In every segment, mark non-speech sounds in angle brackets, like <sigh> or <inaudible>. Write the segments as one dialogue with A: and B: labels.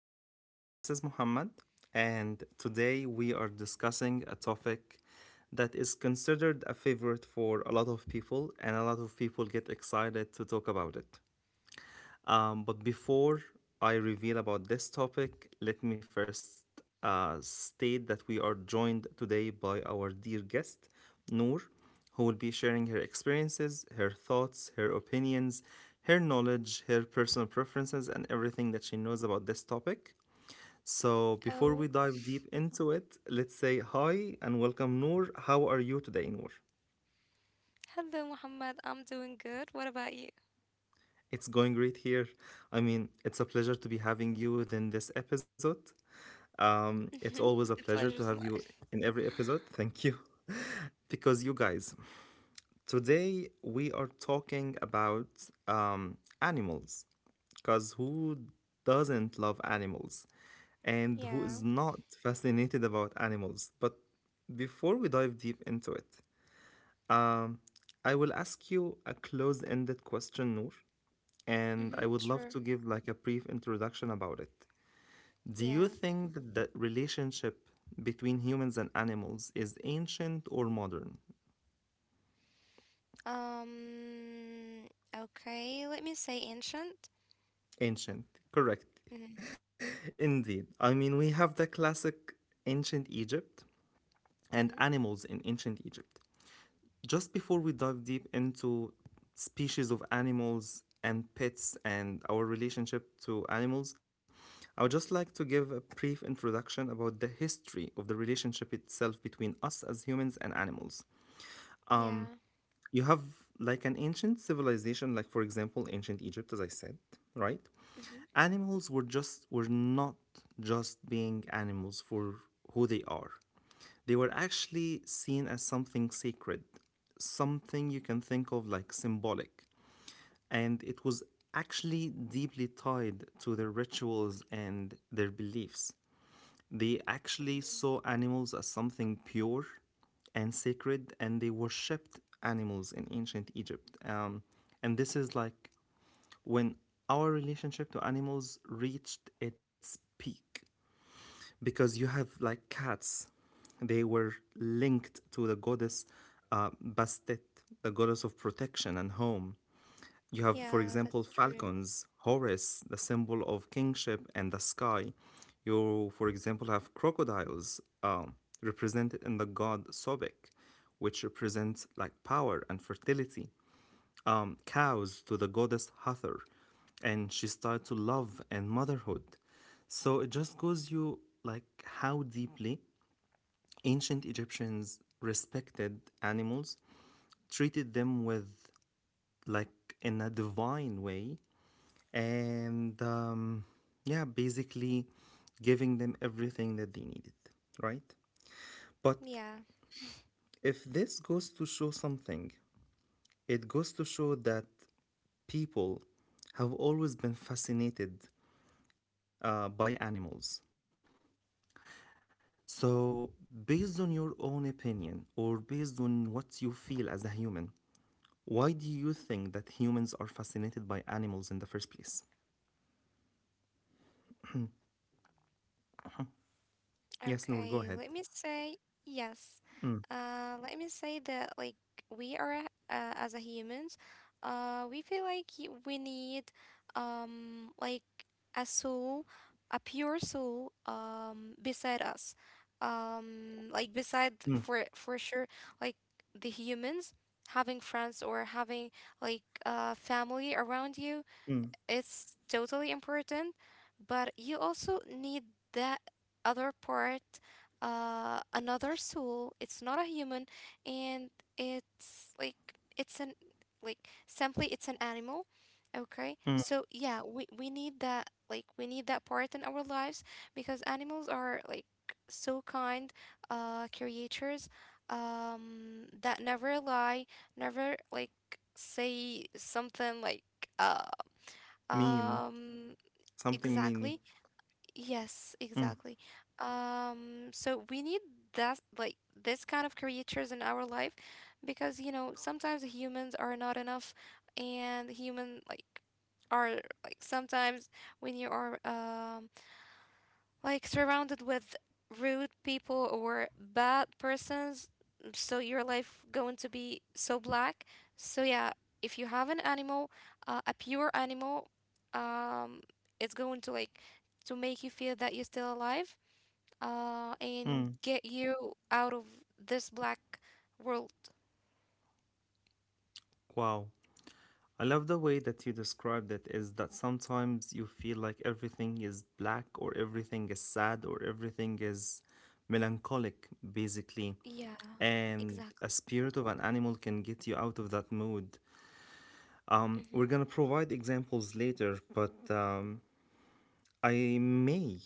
A: everyone. This is Muhammad, and today we are discussing a topic that is considered a favorite for a lot of people, and a lot of people get excited to talk about it. But before I reveal about this topic, let me first state that we are joined today by our dear guest, Noor, who will be sharing her experiences, her thoughts, her opinions, her knowledge, her personal preferences, and everything that she knows about this topic. So
B: Oh,
A: before we dive deep into it, let's say hi and welcome Noor. How are you today, Noor?
B: hello, Muhammad. I'm doing good. What about you?
A: It's going great here. I mean, it's a pleasure to be having you within this episode. Um, it's
B: The
A: always a
B: pleasure's
A: pleasure to
B: mine.
A: have you in every episode. Thank you. <laughs> Because you guys,
B: Hmm.
A: today we are talking about animals. Because who doesn't love animals? And who
B: Yeah.
A: is not fascinated about animals? But before we dive deep into it, um, I will ask you a closed ended question, Noor, and I
B: Hmm.
A: would love to
B: Sure.
A: give like a brief introduction about it. Do you
B: Yeah.
A: think that the relationship between humans and animals is ancient or modern?
B: Um. Okay. Let me say ancient.
A: Ancient, correct.
B: Mm-hmm.
A: <laughs> Indeed. I mean, we have the classic ancient Egypt and
B: Mm-hmm.
A: animals in ancient Egypt. Just before we dive deep into species of animals and pets and our relationship to animals, I would just like to give a brief introduction about the history of the relationship itself between us as humans and animals.
B: Yeah.
A: You have like an ancient civilization, like for example ancient Egypt, as I said, right?
B: Mm-hmm.
A: Animals were just were not just being animals for who they are. They were actually seen as something sacred, something you can think of like symbolic, and it was actually deeply tied to their rituals and their beliefs. They actually
B: Mm-hmm.
A: saw animals as something pure and sacred, and they worshipped animals in ancient Egypt. And this is like when our relationship to animals reached its peak, because you have like cats, they were linked to the goddess Bastet, the goddess of protection and home. You have, for
B: Yeah,
A: example,
B: that's true.
A: falcons, Horus, the symbol of kingship and the sky. You, for example, have crocodiles represented in the god Sobek, which represents like power and fertility. Cows to the goddess Hathor, and she's tied to love and motherhood. So it just goes you like how deeply ancient Egyptians respected animals, treated them with like in a divine way, and yeah, basically giving them everything that they needed, right? But
B: Yeah.
A: if this goes to show something, it goes to show that people have always been fascinated by animals. So, based on your own opinion or based on what you feel as a human, why do you think that humans are fascinated by animals in the first place? Yes, Noor,
B: Okay,
A: go
B: let
A: ahead.
B: me say yes. Let me say that, like, we are, as a humans, we feel like, we need, like, a soul, a pure soul, beside us, like, beside,
A: Mm,
B: for sure, like the humans having friends or having like family around you,
A: mm,
B: it's totally important, but you also need that other part, another soul. It's not a human, and it's like, it's an like, simply, it's an animal. Okay,
A: mm.
B: so yeah, we need that, like, we need that part in our lives because animals are like so kind, creatures, that never lie, never like say something like uh
A: Mean.
B: um,
A: Something
B: exactly.
A: meany.
B: Yes,
A: Mm.
B: exactly. So we need that, like, this kind of creatures in our life because, sometimes humans are not enough, and human, like, are like sometimes when you are like surrounded with rude people or bad persons. So your life going to be so black, so yeah, if you have an animal, a pure animal, um it's going to like to make you feel that you're still alive,
A: Mm,
B: and get you out of this black world.
A: wow. I love the way that you described it is that sometimes you feel like everything is black or everything is sad or everything is melancholic, basically.
B: Yeah.
A: And a
B: Exactly.
A: spirit of an animal can get you out of that mood. We're
B: Mhm.
A: gonna provide examples later, but I may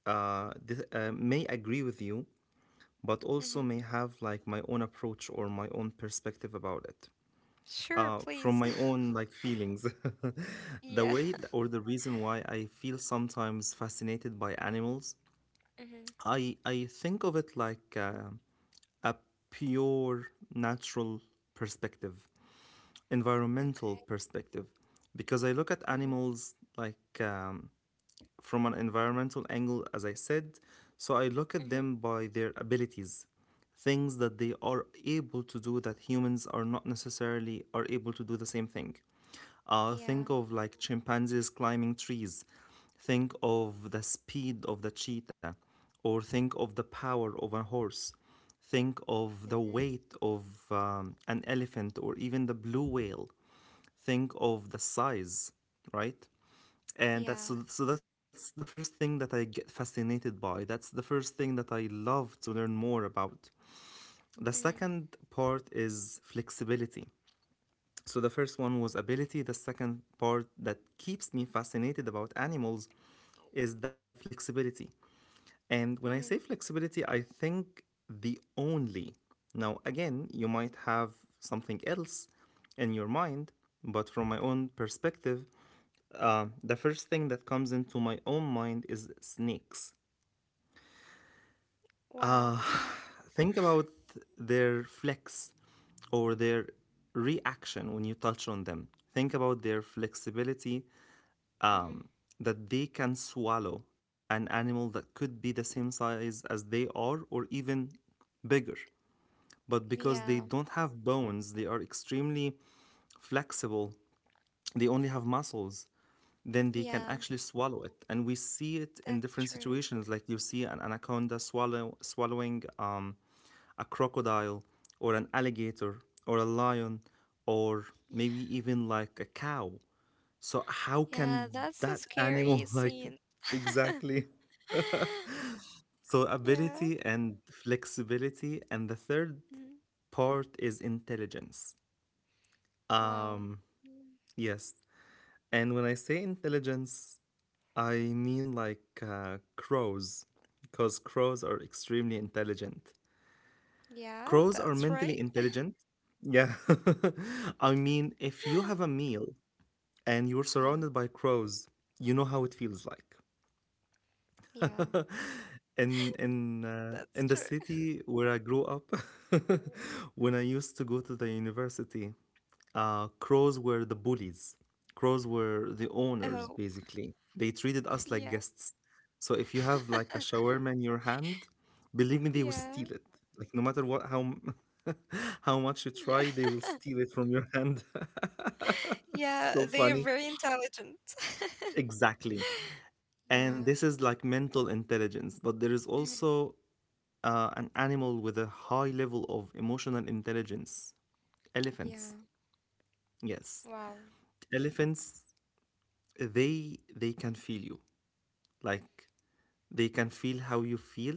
A: may agree with you, but also
B: Mhm.
A: may have like my own approach or my own perspective about it.
B: Sure,
A: From
B: please.
A: my own like feelings.
B: <laughs>
A: <laughs> the
B: Yeah.
A: way th-
B: <laughs>
A: or The reason why I feel sometimes fascinated by animals,
B: Mhm.
A: I think of it like a pure, natural perspective, environmental
B: Okay.
A: perspective, because I look at
B: Mhm.
A: animals like um, from an environmental angle, as I said. So I look at
B: Mhm.
A: them by their abilities, things that they are able to do that humans are not necessarily are able to do the same thing. Think
B: Yeah.
A: of like chimpanzees climbing trees, think of the speed of the cheetah, or think of the power of a horse. Think of the
B: Mhm.
A: weight of an elephant or even the blue whale. Think of the size, right? And that's so,
B: Yeah.
A: so that's the first thing that I get fascinated by. That's the first thing that I love to learn more about. The
B: Mhm.
A: second part is flexibility. So the first one was ability. The second part that keeps me fascinated about animals is the flexibility. And when I say
B: Mhm.
A: flexibility, I think the only. Now, again, you might have something else in your mind, but from my own perspective, the first thing that comes into my own mind is snakes.
B: Wow.
A: Uh,
B: <laughs>
A: think about their flex or their reaction when you touch on them. Think about their flexibility,
B: Mhm.
A: um, that they can swallow an animal that could be the same size as they are or even bigger. But because they
B: Yeah.
A: don't have bones, they are extremely flexible. They only have muscles. Then they can
B: Yeah.
A: actually swallow it. And we see it in
B: That's
A: different
B: true.
A: situations, like you see an anaconda swallowing a crocodile or an alligator or a lion or
B: Yeah.
A: maybe even like a cow. So, how can
B: Yeah. That's a
A: that animal,
B: scary
A: <laughs> like,
B: scene. <laughs>
A: exactly? So,
B: Yeah.
A: ability and flexibility. And the third
B: Mhm.
A: part is intelligence.
B: Wow.
A: Um, yes. And when I say intelligence, I
B: Mm-hmm.
A: mean like crows, because crows are extremely intelligent.
B: Yeah.
A: Crows are
B: That's right.
A: mentally intelligent. Yeah. <laughs> I mean, if you have a
B: <gasps>
A: meal and you're
B: Yeah.
A: surrounded by crows, you know how it feels like.
B: Yeah.
A: <laughs> in in uh,
B: That's
A: in the
B: true.
A: city where I grew up, <laughs> when I used to go to the university, crows were the bullies. Crows were the owners,
B: Oh.
A: basically. They treated us like
B: Yeah.
A: guests. So if you have like a
B: <laughs>
A: shawarma in your hand, believe me, they will
B: Yeah.
A: steal it. Like no matter what, <laughs> how much you
B: Yeah.
A: try, they
B: <laughs>
A: will steal it from your hand.
B: Yeah.
A: <laughs> So
B: They are
A: funny.
B: very intelligent. <laughs>
A: Exactly. And
B: Yeah.
A: this is like mental intelligence, but there is
B: Mhm.
A: also an animal with a high level of emotional intelligence.
B: Yeah.
A: Elephants. Yes.
B: Wow.
A: Elephants, they can feel you, like they can feel how you feel,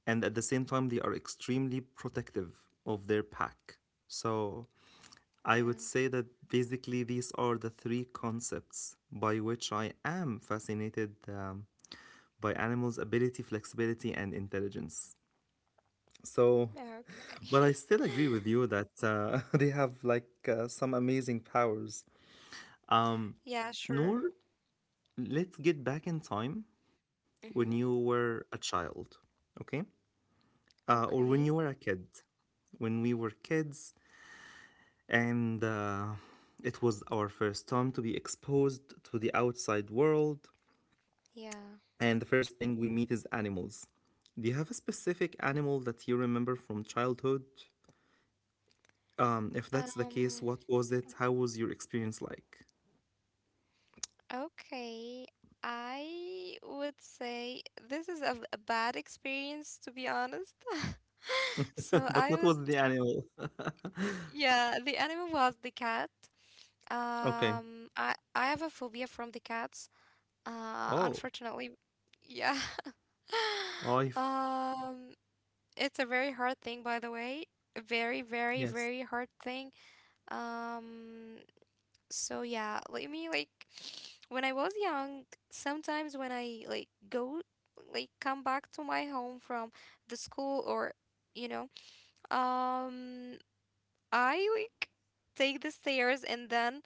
A: and at the same time they are extremely protective of their pack. So I would
B: Yeah.
A: say that basically these are the three concepts by which I am fascinated by animals: ability, flexibility, and intelligence. So,
B: Yeah,
A: but I
B: okay. <laughs>
A: still agree with you that <laughs> they have like some amazing powers.
B: Yeah. Sure.
A: Noor, let's get back in time when you
B: Mhm.
A: were a child, okay? Or when
B: Okay.
A: you were a kid, when we were kids, and it was our first time to be exposed to the outside world,
B: Yeah.
A: and the first thing we meet is animals. Do you have a specific animal that you remember from childhood? If that's the case,
B: Um,
A: what was it? How was your experience like?
B: okay. I would say this is a bad experience, to be honest. <laughs>
A: <laughs>
B: So
A: But
B: I
A: what
B: would,
A: was the animal? <laughs>
B: yeah, the animal was the cat.
A: Okay.
B: I have a phobia from the cats.
A: Oh,
B: Unfortunately, yeah. <laughs>
A: oh,
B: Um, it's a very hard thing, by the way. Very, very,
A: yes.
B: very hard thing. Um, So yeah, let me like when I was young, sometimes when I like go like come back to my home from the school or you know, um I like take the stairs, and then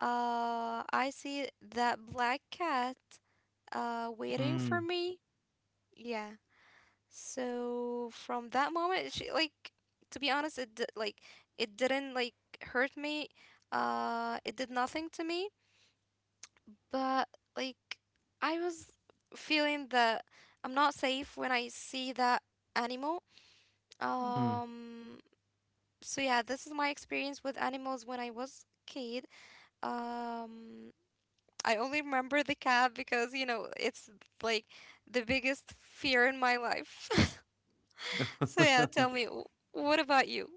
B: I see that black cat waiting for
A: Mm,
B: me. Yeah. So from that moment she like to be honest, it didn't like hurt me. It did nothing to me. But like I was feeling that I'm not safe when I see that animal.
A: mm. <laughs>
B: Um so yeah, this is my experience with animals when I was kid. Um I only remember the cat because it's like the biggest fear in my life. <laughs> So yeah, tell me, what about you?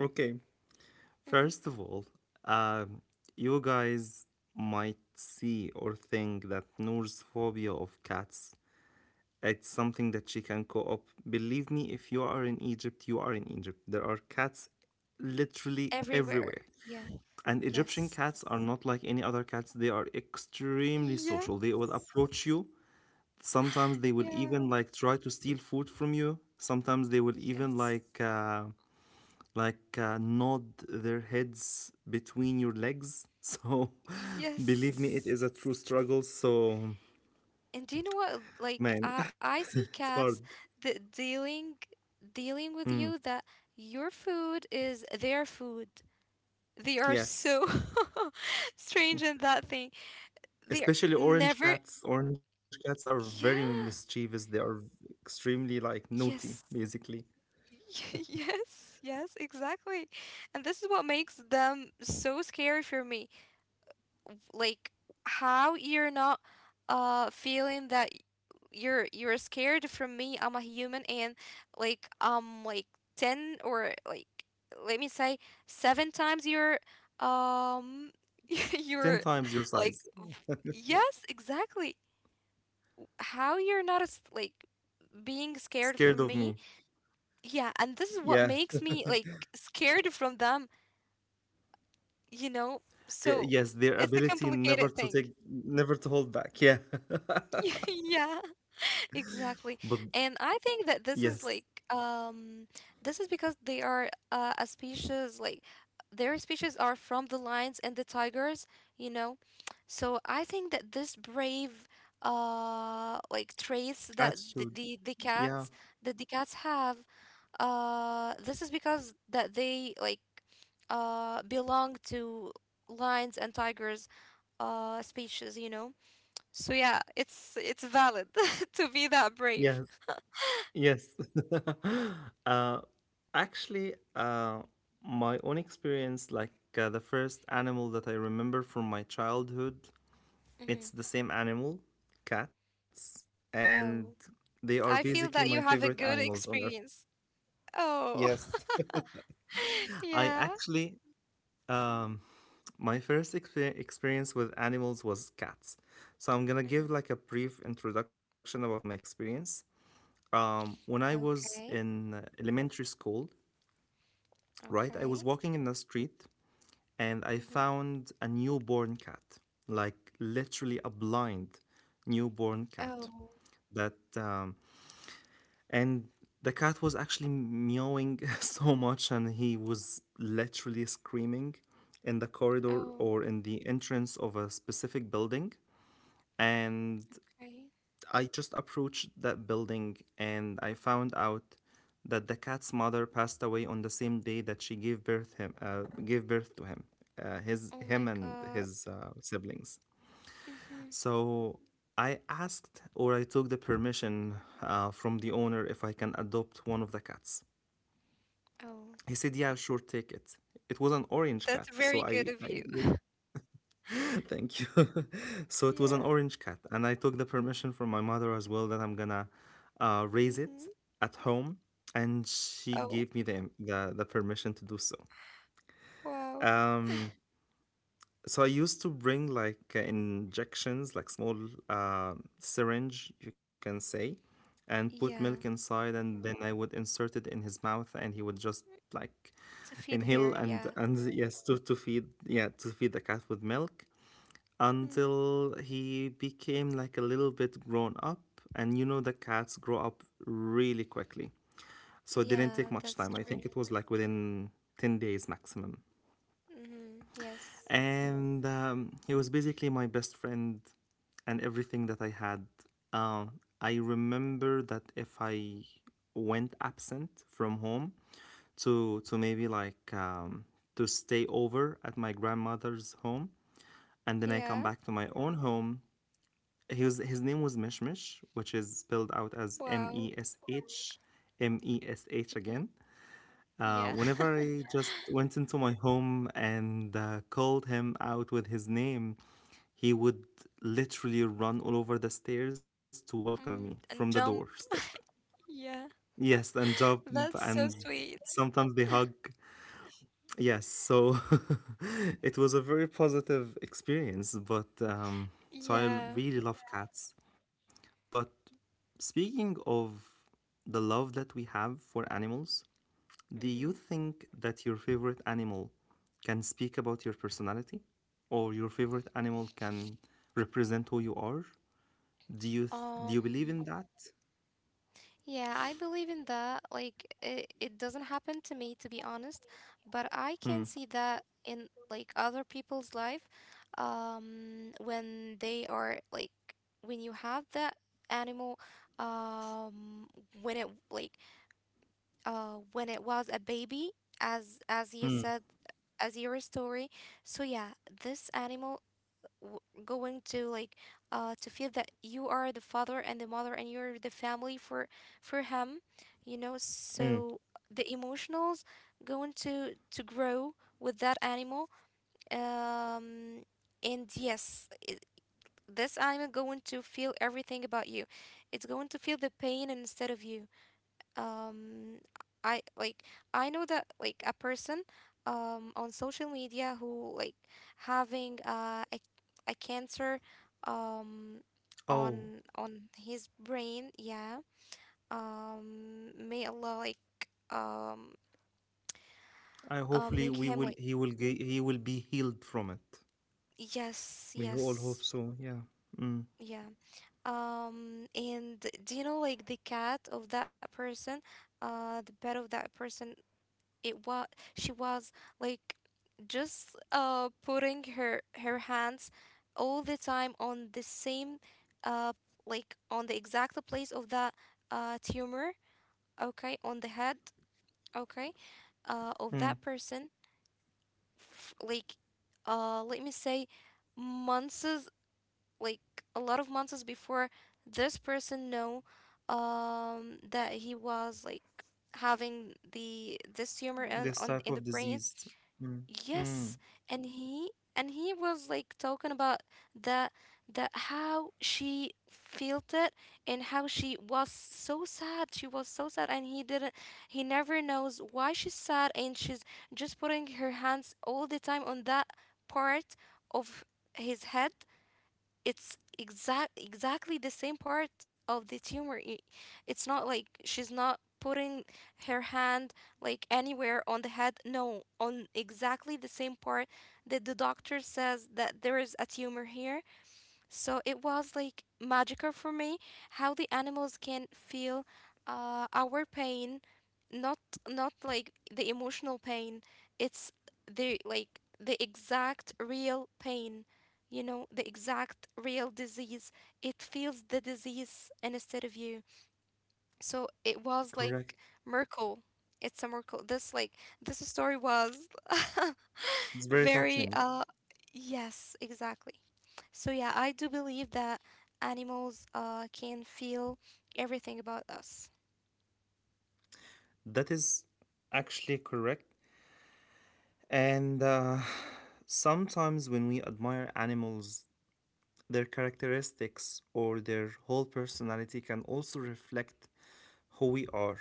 A: Okay.
B: Mhm.
A: First of all, um, you guys might see or think that Noor's phobia of cats, it's something that she can co-op. Believe me, if you are in Egypt, you are in Egypt. There are cats literally
B: Everywhere.
A: everywhere.
B: Yeah.
A: And Egyptian
B: Yes.
A: cats are not like any other cats. They are extremely social. They will
B: Yes.
A: approach you. Sometimes they will
B: Yeah.
A: even like try to steal food from you. Sometimes they will even
B: Yes.
A: like nod their heads between your legs. So, <laughs> believe me, it
B: Yes.
A: is a true struggle. So,
B: And do you know what? Like
A: man,
B: I
A: <laughs>
B: I
A: it's
B: see
A: hard.
B: cats that dealing with
A: Mm,
B: you, that your food is their food. They are
A: yes.
B: so <laughs> strange in that thing. They're
A: Especially orange
B: never
A: cats. Orange cats are very
B: Yeah.
A: mischievous. They are extremely like
B: Yes.
A: naughty,
B: <laughs>
A: basically.
B: Yes, yes, exactly. And this is what makes them so scary for me. Like, how you're not feeling that you're scared from me, I'm a human, and like, like, 10, or like, let me say, seven times your um <laughs> your,
A: 10 times your
B: like,
A: size.
B: yes, exactly, how you're not as like being scared from
A: Scared of
B: me.
A: me.
B: Yeah, and this is what
A: Yeah.
B: makes me like scared from them, you know
A: Y-
B: so
A: Yes, their
B: it's a
A: ability never
B: complicated
A: to
B: thing.
A: take, never to hold back. Yeah.
B: <laughs> Yeah.
A: <laughs> But
B: Exactly. And I think that this
A: yes,
B: is like um this is because they are, a species, like their species are from the lions and the tigers, you know. So I think that this brave like traits
A: attitude. Yeah.
B: that the cats have, this is because that they, belong to lions and tigers species. So yeah, it's valid <laughs> to be that brave.
A: Yes. Yes. <laughs> uh, actually, my own experience, like the first animal that I remember from my childhood, it's
B: Mm-hmm.
A: the same animal, cats, and
B: Oh,
A: they are
B: I
A: basically my
B: feel that you
A: favorite
B: have a
A: animals
B: good
A: on earth.
B: experience. Oh,
A: Yes.
B: <laughs>
A: <laughs> I
B: yeah.
A: actually, um, my first experience with animals was cats. So I'm gonna give
B: Mm-hmm.
A: like a brief introduction about my experience. When I was
B: Okay.
A: in elementary school, right? I
B: Okay.
A: was walking in the street and I
B: Mm-hmm.
A: found a newborn cat, like literally a blind newborn cat.
B: Oh.
A: That and the cat was actually meowing <laughs> so much, and he was literally screaming in the corridor
B: Oh.
A: or in the entrance of a specific building. And
B: Okay.
A: I just approached that building and I found out that the cat's mother passed away on the same day that she gave birth to him, his
B: Oh
A: him
B: my
A: and
B: God.
A: his siblings.
B: Mm-hmm.
A: So I asked or I took the permission from the owner if I can adopt one of the cats.
B: Oh,
A: He said, "Yeah, sure, take it." It was an orange cat,
B: that's
A: so
B: very good of
A: I
B: you. <laughs>
A: Thank you. <laughs> So it was an
B: Yeah.
A: orange cat, and I took the permission from my mother as well that I'm gonna raise it
B: Mm-hmm.
A: at home, and she
B: Oh.
A: gave me the permission to do so.
B: Wow.
A: Um, so I used to bring like injections, like small uh, syringe, you can say, and put milk
B: Yeah.
A: inside, and then I would insert it in his mouth, and he would just like
B: To feed
A: inhale
B: her.
A: and
B: Yeah.
A: and <laughs> yes to feed, yeah, to feed the cat with milk
B: Mm.
A: until he became like a little bit grown up. And you know, the cats grow up really quickly. So it didn't
B: Yeah.
A: take much
B: That's
A: time. I
B: true.
A: think it was like within 10 days maximum.
B: Mm-hmm. Yes.
A: And he was basically my best friend and everything that I had. Um, I remember that if I went absent from home to maybe like to stay over at my grandmother's home, and then I come
B: Yeah.
A: back to my own home, he was his name was Mishmish, which is spelled out as M
B: Wow.
A: E S H M E S H
B: Mm-hmm.
A: again.
B: Yeah.
A: Whenever
B: <laughs>
A: I just went into my home and called him out with his name, he would literally run all over the stairs to welcome me
B: Mm-hmm.
A: from the
B: And jump.
A: doorstep.
B: Yeah.
A: Yes, and jump,
B: That's
A: and
B: so sweet.
A: sometimes they hug. Yes, so <laughs> it was a very positive experience, but I
B: Yeah.
A: really love cats. But speaking of the love that we have for animals, do you
B: hmm
A: think that your favorite animal can speak about your personality or your favorite animal can represent who you are? Do
B: Um,
A: you believe in that?
B: yeah, I believe in that. Like, it doesn't happen to me, to be honest, but I can
A: Mm,
B: see that in like other people's life, when they are like when you have that animal, um, when it was a baby, as you
A: mm,
B: said, as your story. So yeah, this animal, going to like to feel that you are the father and the mother, and you're the family for him,
A: mm.
B: so the emotionals going to grow with that animal. um and yes, this animal going to feel everything about you. It's going to feel the pain instead of you. um I like I know that like a person on social media who like having a cancer um
A: Oh,
B: on his brain, yeah. May Allah, like, um
A: I hopefully
B: make
A: we
B: him,
A: will
B: like,
A: he will be healed from it.
B: yes,
A: We all
B: yes.
A: hope so. Yeah. Mm,
B: Yeah. And do you know, like, the cat of that person, the pet of that person it was she was like just putting her hands all the time on the same uh like on the exact place of that tumor, okay, on the head, okay, of
A: mm.
B: that person, like, let me say months, like, a lot of months before this person know that he was like having the this tumor and
A: This
B: on
A: type
B: in the
A: of
B: brain.
A: disease. Mm, mm.
B: Yes, and he and he was like talking about the the how she felt it, and how she was so sad. She was so sad, and he never knows why she's sad, and she's just putting her hands all the time on that part of his head. It's exactly the same part of the tumor. It's not like, she's not putting her hand like anywhere on the head. No, on exactly the same part that the doctor says that there is a tumor here. So it was like magical for me how the animals can feel, our pain, not not like the emotional pain. It's the exact real pain, the exact real disease. It feels the disease instead of you. So it was
A: Correct.
B: like miracle. It's a miracle. This story was
A: It's
B: <laughs>
A: very
B: Very,
A: touching.
B: uh, yes, exactly. So yeah, I do believe that animals can feel everything about us.
A: That is actually correct. And sometimes when we admire animals, their characteristics or their whole personality can also reflect who we are.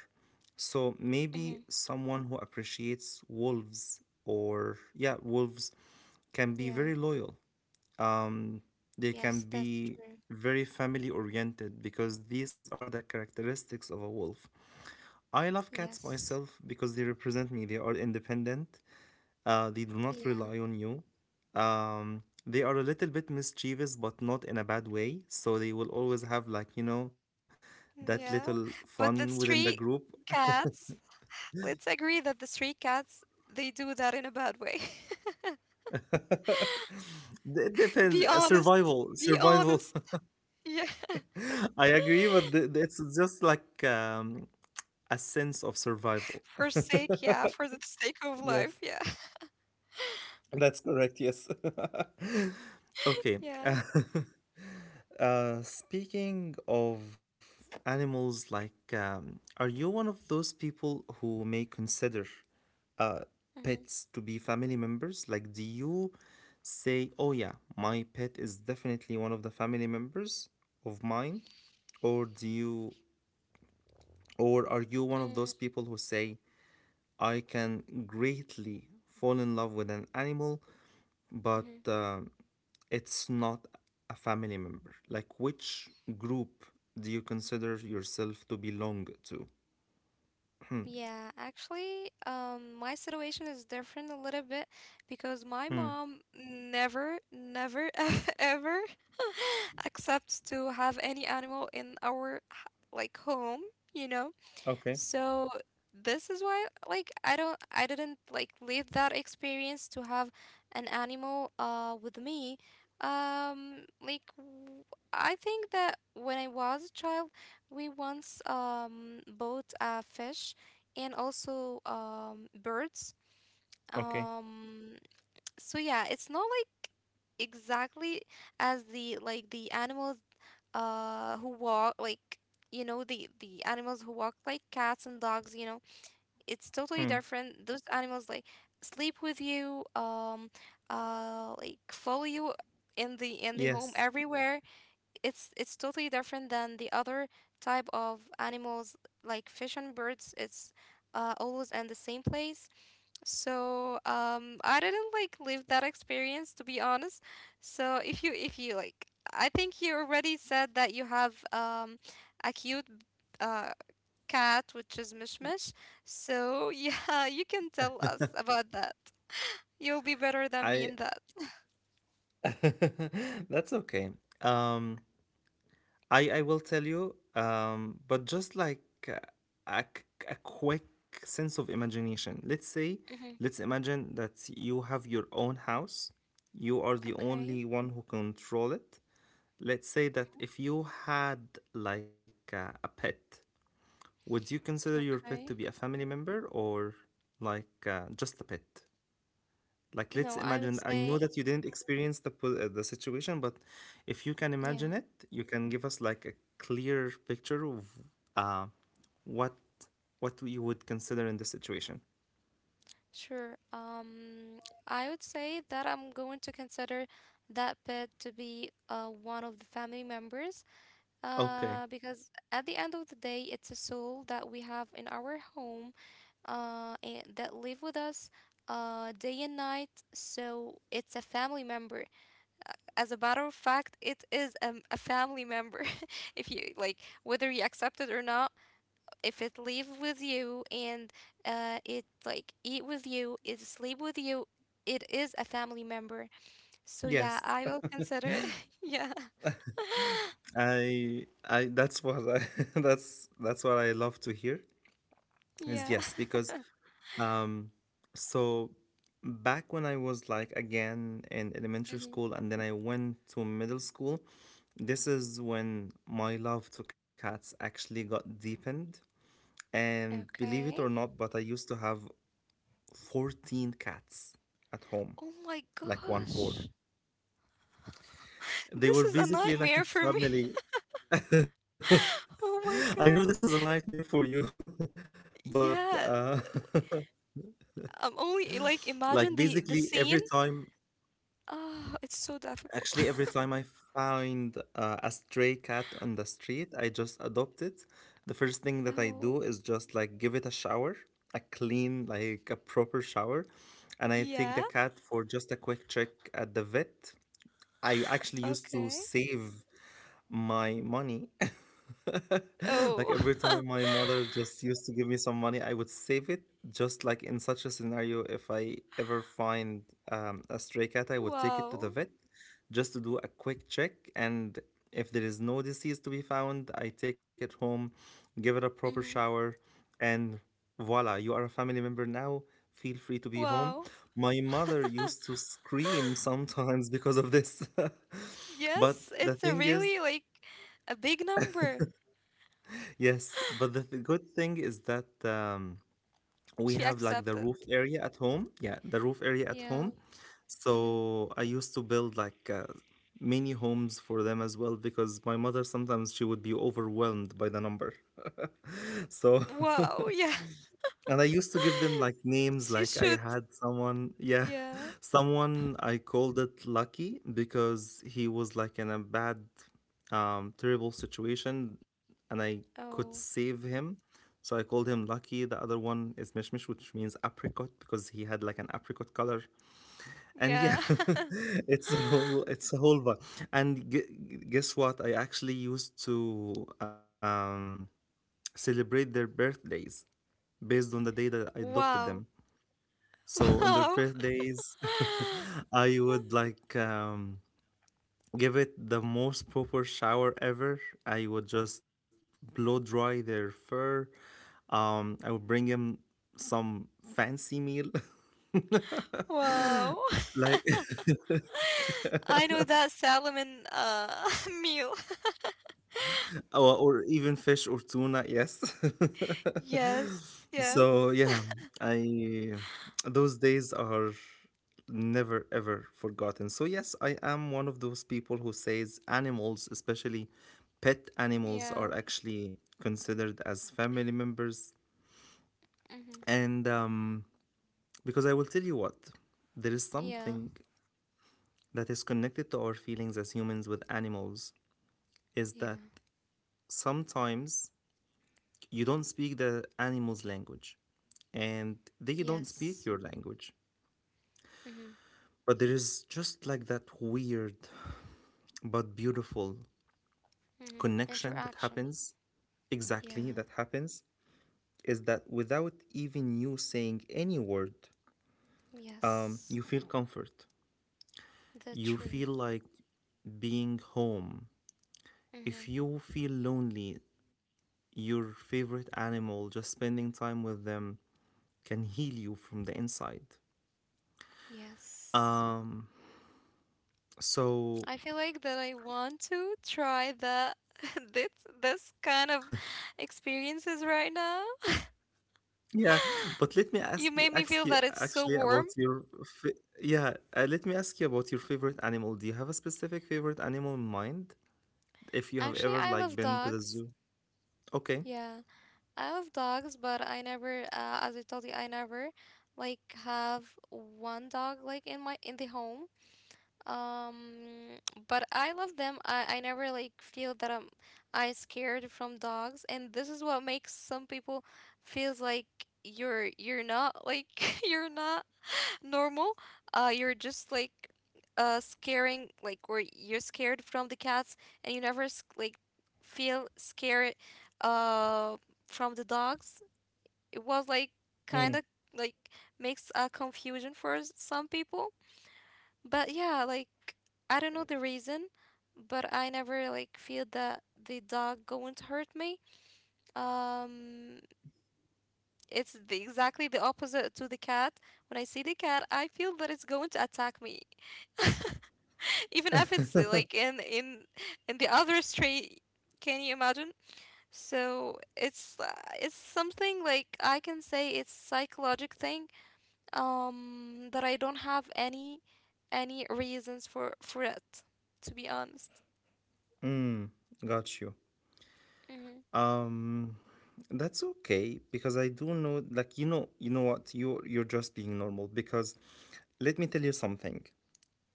A: So
B: Mm-hmm.
A: maybe someone who appreciates wolves or, yeah, wolves can be
B: Yeah.
A: very loyal. Um, they can
B: Yes, that's
A: be
B: true.
A: very family oriented because these are the characteristics of a wolf. I love cats
B: Yes.
A: myself because they represent me. They are independent. They do not
B: Yeah.
A: rely on you. They are a little bit mischievous, but not in a bad way. So they will always have like, you know, that
B: Yeah.
A: little
B: But the
A: fun within the
B: street
A: group. <laughs>
B: cats, let's agree that the street cats, they do that in a bad way. <laughs>
A: It
B: Be
A: depends.
B: honest.
A: Survival,
B: Be
A: survival.
B: honest. Yeah. <laughs>
A: <laughs> I agree, but it's just like a sense of survival.
B: For sake,
A: <laughs>
B: yeah, for the sake of
A: Yes.
B: life, yeah.
A: That's correct, yes. <laughs>
B: <laughs>
A: Okay.
B: Yeah.
A: <laughs> Speaking of animals, like, are you one of those people who may consider uh, pets to be family members? Like, do you say, oh, yeah, my pet is definitely one of the family members of mine? Or do you, or are you one of those
B: Mm-hmm.
A: people who say, I can greatly fall in love with an animal but it's not a family member. Like, which group do you consider yourself to belong to? Hmm.
B: Yeah, actually, my situation is different a little bit, because my
A: Hmm.
B: mom never, never, <laughs> ever <laughs> accepts to have any animal in our like home, you know. So this is why, like, I don't, I didn't like leave that experience to have an animal with me. Like, I think that when I was a child, we once bought a fish, and also birds.
A: Okay.
B: Um so yeah, it's not like exactly as the animals who walk, like, the animals who walk like cats and dogs. It's totally
A: Hmm.
B: different. Those animals like sleep with you, like follow you in the home
A: Yes.
B: everywhere. It's totally different than the other type of animals like fish and birds. It's always in the same place. So I didn't like live that experience, to be honest. So if you like, I think you already said that you have, a cute, uh, cat, which is Mishmish. So <laughs> yeah, you can tell us about that. You'll be better than me
A: I.
B: in that.
A: <laughs> That's okay. Um, I will tell you. But just like uh, a, a quick sense of imagination. Let's say,
B: Hmm.
A: let's imagine that you have your own house. You are the
B: Okay.
A: only one who control it. Let's say that if you had like a pet, would you consider your pet to be a
B: Okay.
A: family member or like just a pet? Like, let's
B: No, I would
A: imagine. I know
B: say,
A: that you didn't experience the the situation, but if you can
B: yeah,
A: imagine it, you can give us like a clear picture of uh, what what you would consider in this situation.
B: sure. I would say that I'm going to consider that pet to be, one of the family members.
A: Okay.
B: Because at the end of the day, it's a soul that we have in our home, and that live with us, day and night. So it's a family member. As a matter of fact, it is a family member. <laughs> If you like, whether you accept it or not, if it live with you, and it like eat with you, it sleep with you, it is a family member. So yeah,
A: Yes.
B: I will consider it. <laughs> Yeah,
A: I that's what I <laughs> that's what I love to hear is
B: yeah.
A: yes because
B: <laughs>
A: um, so back when I was like again in elementary
B: Hmm.
A: school and then I went to middle school, this is when my love to cats actually got deepened. And believe
B: Okay.
A: it or not, but I used to have 14 cats at home,
B: Oh my
A: like 1 4.
B: gosh.
A: They
B: This
A: were
B: is a
A: basically like a
B: nightmare for me.
A: family.
B: <laughs>
A: <laughs>
B: Oh
A: I
B: my
A: know this is a
B: god.
A: nightmare for you, <laughs> but
B: Yeah. I'm only
A: <laughs>
B: like
A: like
B: imagine the
A: basically
B: the
A: every
B: scene.
A: time
B: Oh, it's so difficult.
A: actually, every time I find a stray cat on the street, I just adopt it. The first thing
B: <laughs>
A: that I
B: Oh.
A: do is just like give it a shower, a clean, like a proper shower. And I take
B: Yeah.
A: the cat for just a quick check at the vet. I actually used to
B: Okay.
A: save my money. <laughs> Like
B: Oh.
A: every time
B: <laughs>
A: my mother just used to give me some money, I would save it just like in such a scenario. If I ever find a stray cat, I would take it to the
B: Wow.
A: vet just to do a quick check. And if there is no disease to be found, I take it home, give it a proper
B: hmm
A: shower, and voila, you are a family member now. Feel free to be home.
B: Wow.
A: My mother
B: <laughs>
A: used to scream sometimes because of this. <laughs> But
B: Yes,
A: the
B: it's a
A: thing is,
B: really like a big number.
A: yes, but the good thing is that
B: She
A: we have like the
B: accepted.
A: roof area at home. Yeah, the roof area at home.
B: Yeah. hmm
A: So I used to build like mini homes for them as well because my mother sometimes she would be overwhelmed by the number. <laughs> So
B: Wow.
A: <laughs>
B: Yeah.
A: and I used to
B: <laughs>
A: give them like
B: She
A: names, like
B: should.
A: I had someone, yeah,
B: Yeah.
A: <laughs> someone I called it Lucky because he was like in a bad, terrible situation and I could
B: Oh.
A: save him. So I called him Lucky. The other one is Mishmish, which means apricot because he had like an apricot color. And
B: Yeah.
A: yeah,
B: <laughs>
A: <laughs> it's a whole vibe. And guess what? I actually used to celebrate their birthdays based on the day that I adopted them.
B: Wow.
A: So on their
B: Wow. <laughs>
A: birthdays, <laughs> I would like give it the most proper shower ever. I would just blow dry their fur. I would bring him some fancy meal, <laughs>
B: Wow.
A: like
B: <laughs> I know that salmon <laughs> meal.
A: <laughs> or even fish or tuna. Yes,
B: Yes,
A: <laughs> so
B: yes.
A: yeah,
B: <laughs>
A: I, those days are never ever forgotten. So yes, I am one of those people who says animals, especially pet animals,
B: Yeah.
A: are actually considered as family members.
B: Mm-hmm.
A: And because I will tell you what, there is
B: Yeah.
A: something that is connected to our feelings as humans with animals is that
B: Yeah.
A: sometimes you don't speak the animal's language and they don't
B: Yes.
A: speak your language.
B: Mm-hmm.
A: But there is just like that weird but beautiful
B: Mm-hmm.
A: connection that
B: Interaction.
A: happens. Exactly,
B: Yeah.
A: that happens is that without even you saying any word,
B: Yes.
A: you feel comfort.
B: The
A: You
B: true.
A: feel like being home. If
B: Mm-hmm.
A: you feel lonely, your favorite animal, just spending time with them can heal you from the inside.
B: Yes.
A: Um, so
B: I feel like that I want to try that <laughs> this this kind of experiences right now.
A: yeah, but let me ask
B: You
A: you,
B: made me feel that it's
A: actually
B: so
A: about
B: warm.
A: your fa yeah, let me ask you about your favorite animal. Do you have a specific favorite animal in mind? If you have
B: Actually,
A: ever
B: I
A: like
B: love
A: been to the
B: dogs.
A: zoo? Okay.
B: Yeah, I love dogs, but I never, as I told you, I never like have one dog like in my in the home. Um, but I love them. I never like feel that I scared from dogs, and this is what makes some people feels like you're not like <laughs> you're not normal. You're just like scaring like or you're scared from the cats, and you never like feel scared uh from the dogs. It was like kind
A: Mm,
B: of like makes a confusion for some people. But yeah, like I don't know the reason, but I never like feel that the dog going to hurt me. Um, it's exactly the opposite to the cat. When I see the cat, I feel that it's going to attack me. <laughs> Even if it's like in the other street, can you imagine? So it's something like I can say it's psychological thing that I don't have any reasons for it, to be honest.
A: mm, got you.
B: Mm-hmm,
A: Um, that's okay because I do know like you know what? You you're just being normal because let me tell you something.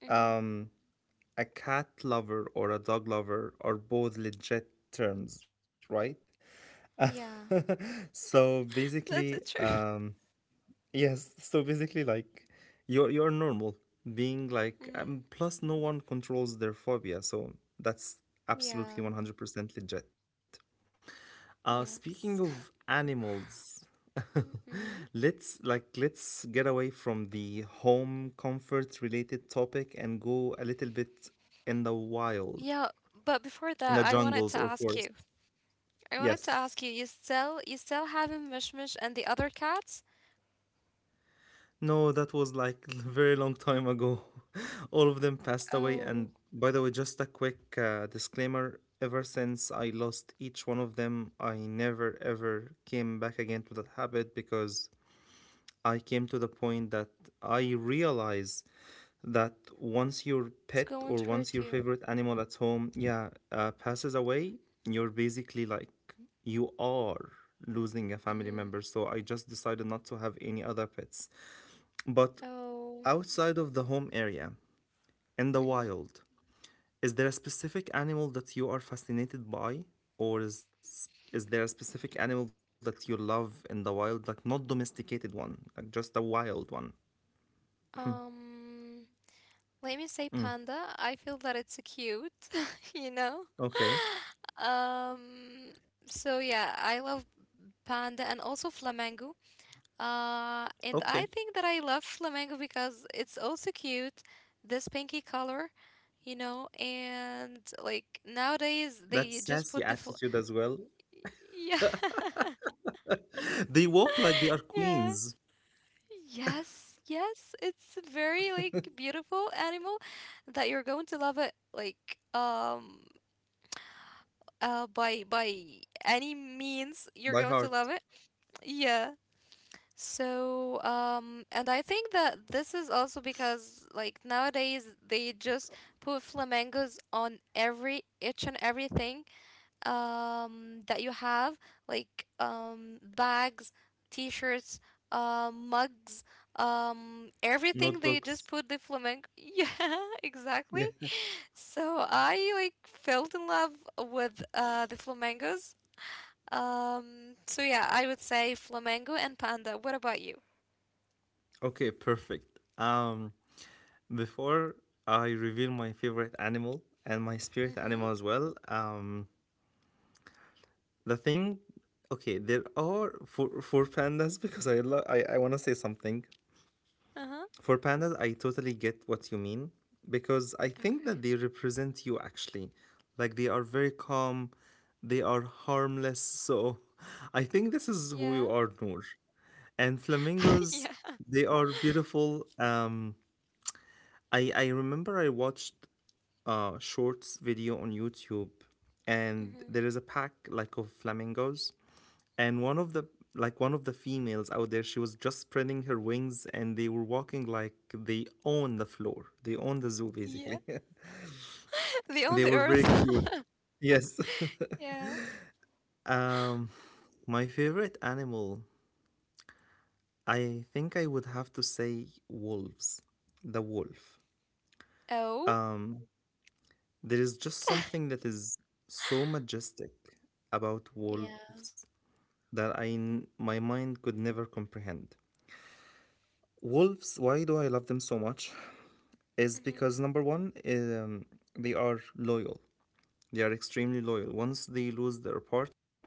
B: mm-hmm.
A: Um, a cat lover or a dog lover are both legit terms, right? <laughs>
B: Yeah,
A: So
B: that's it
A: basically,
B: true.
A: yes, so basically like you're normal being like
B: Mm-hmm.
A: plus no one controls their phobia, so that's absolutely
B: Yeah,
A: 100% legit. Speaking
B: yes.
A: of animals, <laughs>
B: Mm-hmm.
A: let's like let's get away from the home comfort related topic and go a little bit in the wild,
B: Yeah, but before
A: in
B: that
A: the jungles or forests.
B: I wanted to
A: Yes.
B: ask you, you still having Mishmish and the other cat?
A: No, that was like <laughs> a very long time ago. <laughs> All of them passed away.
B: Oh,
A: And by the way, just a quick disclaimer ever since I lost each one of them, I never ever came back again to that habit because I came to the point that I realize that once your
B: it's
A: pet
B: going
A: or
B: to hurt
A: once your
B: you.
A: favorite animal at home, yeah, passes away, you're basically like, you are losing a family
B: Mm-hmm.
A: member. So I just decided not to have any other pets. But
B: Oh,
A: outside of the home area, in the
B: mm-hmm.
A: wild, is there a specific animal that you are fascinated by? Or is there a specific animal that you love in the wild, like not domesticated one, like just a wild one?
B: Um, Let me say
A: Mm.
B: panda. I feel that it's cute, <laughs> you know? <laughs>
A: Okay.
B: Um, so yeah, I love panda and also flamingo. And
A: Okay.
B: I think that I love flamingo because it's also cute, this pinky color, you know, and like nowadays
A: That
B: they just
A: sassy
B: put
A: attitude as well.
B: <laughs> yeah.
A: <laughs> They walk
B: <laughs>
A: like they are
B: Yeah.
A: queens
B: Yes, yes, it's a very like beautiful animal that you're going to love it like by any means
A: by
B: you're
A: heart.
B: going to love it. Yeah. So and I think that this is also because like nowadays they just put flamingos on every each and everything that you have, like bags, t-shirts, mugs, everything they just
A: Notebooks.
B: put the flamenco. <laughs> Yeah, exactly.
A: Yeah. <laughs>
B: So I like fell in love with the flamingos. So yeah, I would say flamingo and panda. What about you?
A: Okay, perfect. Before I reveal my favorite animal and my spirit animal
B: Mm-hmm.
A: as well, the thing, okay, there are, for pandas. <laughs> Because I want to say something.
B: Uh-huh.
A: For pandas, I totally get what you mean, because I think that
B: Okay.
A: they represent you actually. Like, they are very calm, they are harmless, so <laughs> I think this is who
B: Yeah.
A: you are, Noor. And
B: <laughs> Yeah.
A: flamingos, they are beautiful. I remember I watched shorts video on YouTube, and
B: Mm-hmm.
A: there is a pack, like, of flamingos, and one of the like one of the females out there, she was just spreading her wings, and they were walking like they own the floor. They own the zoo basically.
B: Yeah. <laughs> The
A: <laughs>
B: on
A: They
B: the
A: were very
B: earth.
A: cute. Yes.
B: <laughs> Yeah.
A: <laughs> um, my favorite animal, I think I would have to say wolves. The wolf.
B: Oh.
A: Um, there is just something that is so majestic about
B: Yeah.
A: wolves that I
B: Mm-hmm.
A: my mind could never comprehend. Wolves, why do I love them so much? Is
B: Mm-hmm.
A: because number one, um, they are loyal. They are extremely loyal. Once they lose their partner,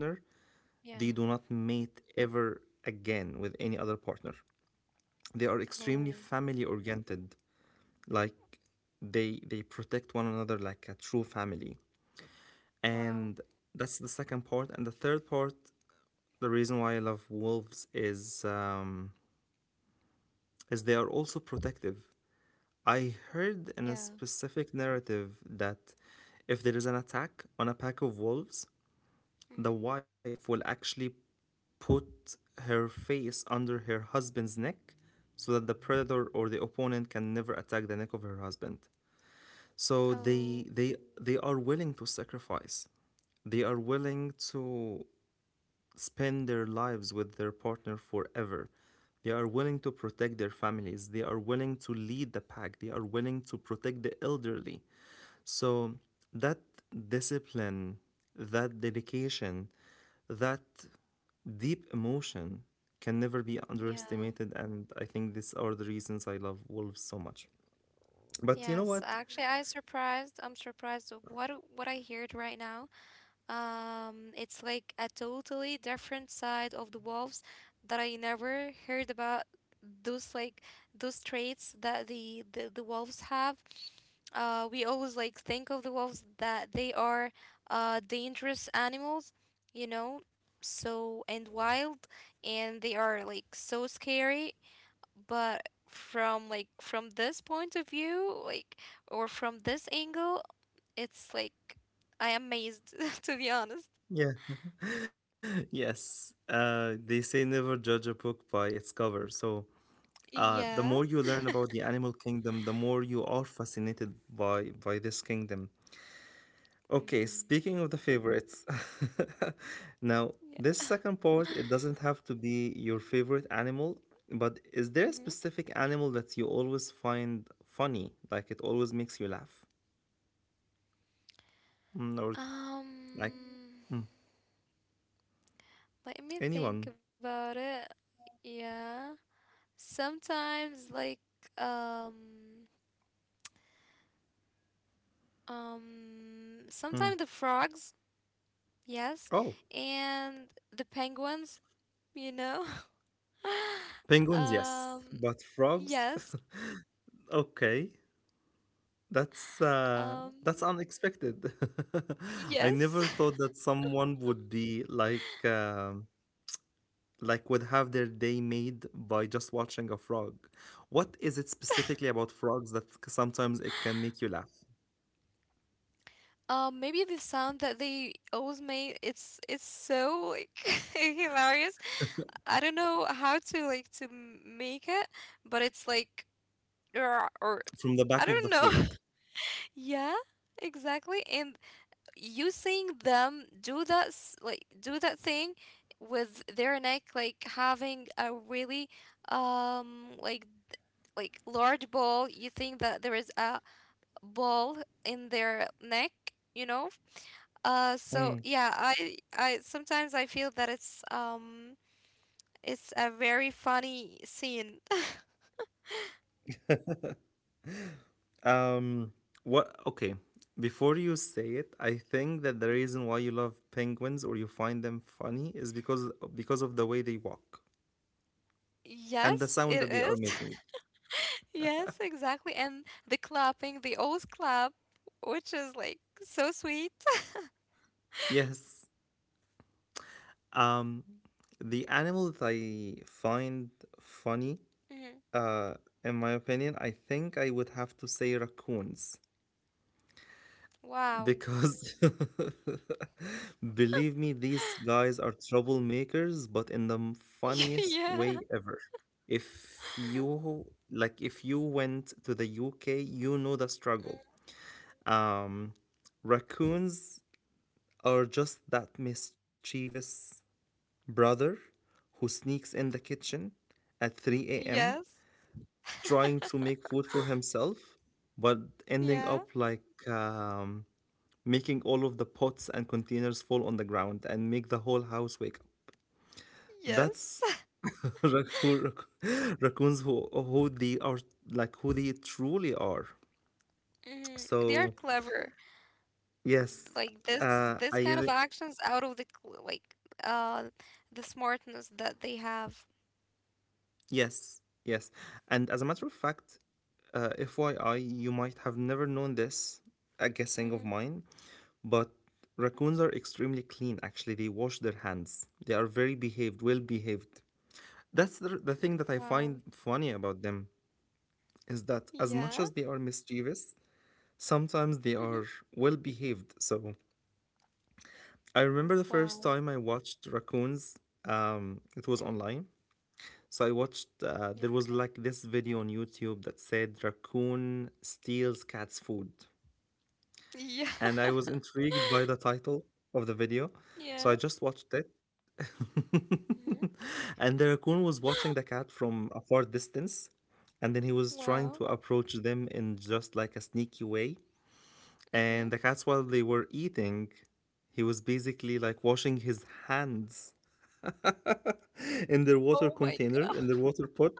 A: they do
B: Yeah.
A: not mate ever again with any other partner. They are extremely
B: Oh,
A: family oriented. Like, they protect one another like a true family.
B: wow.
A: And that's the second part. And the third part, the reason why I love wolves is they are also protective. I heard in a
B: Yeah.
A: specific narrative that if there is an attack on a pack of wolves, the
B: hmm
A: wife will actually put her face under her husband's neck so that the predator or the opponent can never attack the neck of her husband. So they
B: Oh,
A: they they are willing to sacrifice. They are willing to spend their lives with their partner forever. They are willing to protect their families. They are willing to lead the pack. They are willing to protect the elderly. So that discipline, that dedication, that deep emotion can never be
B: yeah.
A: underestimated. And I think these are the reasons I love wolves so much. But you know
B: Yes,
A: what?
B: actually, I surprised. I'm surprised of what I heard right now. It's like a totally different side of the wolves that I never heard about. Those like those traits that the wolves have. We always like think of the wolves that they are dangerous animals, you know, so and wild, and they are like so scary, but from like from this point of view like or from this angle it's like I am amazed <laughs> to be honest.
A: Yeah. <laughs> Yes. They say never judge a book by its cover. So the
B: Yeah.
A: more you learn about the animal kingdom, the more you are fascinated by this kingdom. Okay,
B: Mm-hmm.
A: speaking of the favorites, <laughs> now this second part,
B: Yeah.
A: it doesn't have to be your favorite animal, but
B: <gasps>
A: is there a
B: Mm-hmm.
A: specific animal that you always find funny? Like, it always makes you laugh? Or like
B: um
A: mm,
B: Let me think
A: anyone?
B: about it. Yeah, sometimes like um
A: Mm.
B: sometimes the frogs. Yes.
A: Oh,
B: And the penguins, you know? <laughs>
A: penguins,
B: um
A: yes, but frogs?
B: yes.
A: <laughs> Okay, that's uh, that's
B: Um,
A: unexpected. <laughs> I
B: yes.
A: never thought
B: <laughs>
A: that someone would be like, would have their day made by just watching a frog. What is it specifically about frogs sometimes it can make you laugh
B: Maybe the sound that they always made, it's so like <laughs> hilarious. I don't know how to like make it, but it's like "Rah," or
A: from the
B: I
A: back of
B: don't
A: the
B: know. <laughs>
A: throat?
B: Yeah, exactly. And you seeing them like do that thing with their neck, like having a really um like like large ball, you think that there is a ball in their neck, you know? So
A: Mm.
B: yeah, I sometimes I feel that it's a very funny scene. <laughs>
A: Um, what? Okay, before you say it, I think that the
B: Mm.
A: reason why you love penguins or you find them funny is because of the way they walk and the
B: Yes,
A: sound
B: it
A: that they are
B: is. <laughs>
A: making.
B: Yes, exactly. And the clapping, the old clap, which is like so sweet.
A: Yes. Um, the animal that I find funny.
B: Mhm.
A: Uh, in my opinion, I think I would have to say raccoons
B: Wow.
A: because <laughs> believe me, these guys are troublemakers, but in the
B: <laughs>
A: funniest
B: Yeah.
A: way ever. If you went to the UK, you know the struggle. Um, Raccoons are just that mischievous brother who sneaks in the kitchen at 3 a.m.
B: Yes.
A: trying to make food for himself, but ending
B: Yeah.
A: up like making all of the pots and containers fall on the ground and make the whole house wake up.
B: Yes.
A: That's
B: <laughs>
A: <laughs> raccoons, who they are, like who they truly are.
B: Mhm. They are
A: So
B: clever.
A: yes,
B: Like this
A: uh, I
B: this kind of
A: re-
B: actions out of the cl- like uh the smartness that they have.
A: yes, yes, and as a matter of fact, FYI, you might have never known this, a guessing of
B: Mm-hmm.
A: mine, but raccoons are extremely clean, actually. They wash their hands, they are very behaved, well behaved. That's the thing that I
B: Wow.
A: find funny about them is that as much
B: Yeah.
A: as they are mischievous, sometimes they are
B: Mm-hmm.
A: well behaved. So I remember the first
B: Wow.
A: time I watched raccoons, it was
B: Mm-hmm.
A: online. So I watched,
B: Yeah,
A: there
B: okay.
A: was like this video on YouTube that said raccoon steals cat's food,
B: Yeah.
A: and I was
B: <laughs>
A: intrigued by the title of the video, so
B: Yeah.
A: I just watched it.
B: Mm-hmm.
A: <laughs> And the raccoon was watching the
B: <gasps>
A: cat from a far distance, and then he was trying to
B: Wow.
A: approach them in just like a sneaky way.
B: Mm-hmm.
A: And the cats, while they were eating, he was basically like washing his hands in their water
B: Oh my
A: container,
B: god.
A: in their water pot.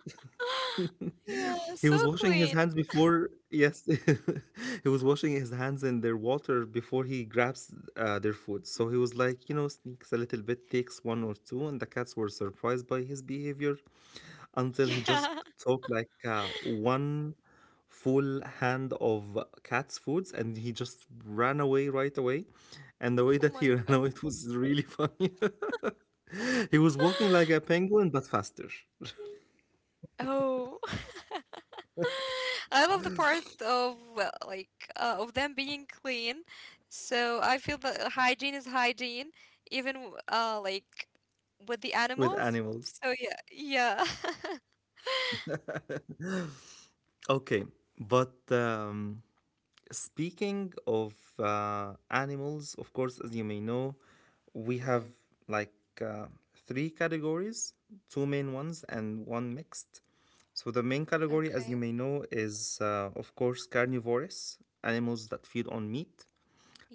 B: <gasps> Yeah,
A: He
B: so
A: was washing his
B: clean.
A: hands before, yes, <laughs> he was washing his hands in their water before he grabs their food. So
B: Mhm.
A: he was like, sneaks a little bit, takes one or two, and the cats were surprised by his behavior until he
B: Yeah.
A: just took like one full hand of cat's foods, and he just ran away right away. And the way
B: <laughs> Oh
A: that he
B: my
A: <laughs> ran
B: god.
A: away, it was really funny. <laughs> He was walking like a
B: <gasps>
A: penguin, but faster
B: Oh. <laughs> <laughs> I love the part of, well, like, of them being clean. So I feel that hygiene is hygiene, even like with the
A: with
B: animals.
A: animals.
B: So yeah, yeah. <laughs>
A: <laughs> Okay, but speaking of animals, of course, as you may know, we have
B: hmm
A: like uh, three categories, two main ones and one mixed. So, the main category, as
B: Okay.
A: you may know, is of course carnivorous animals that feed on meat,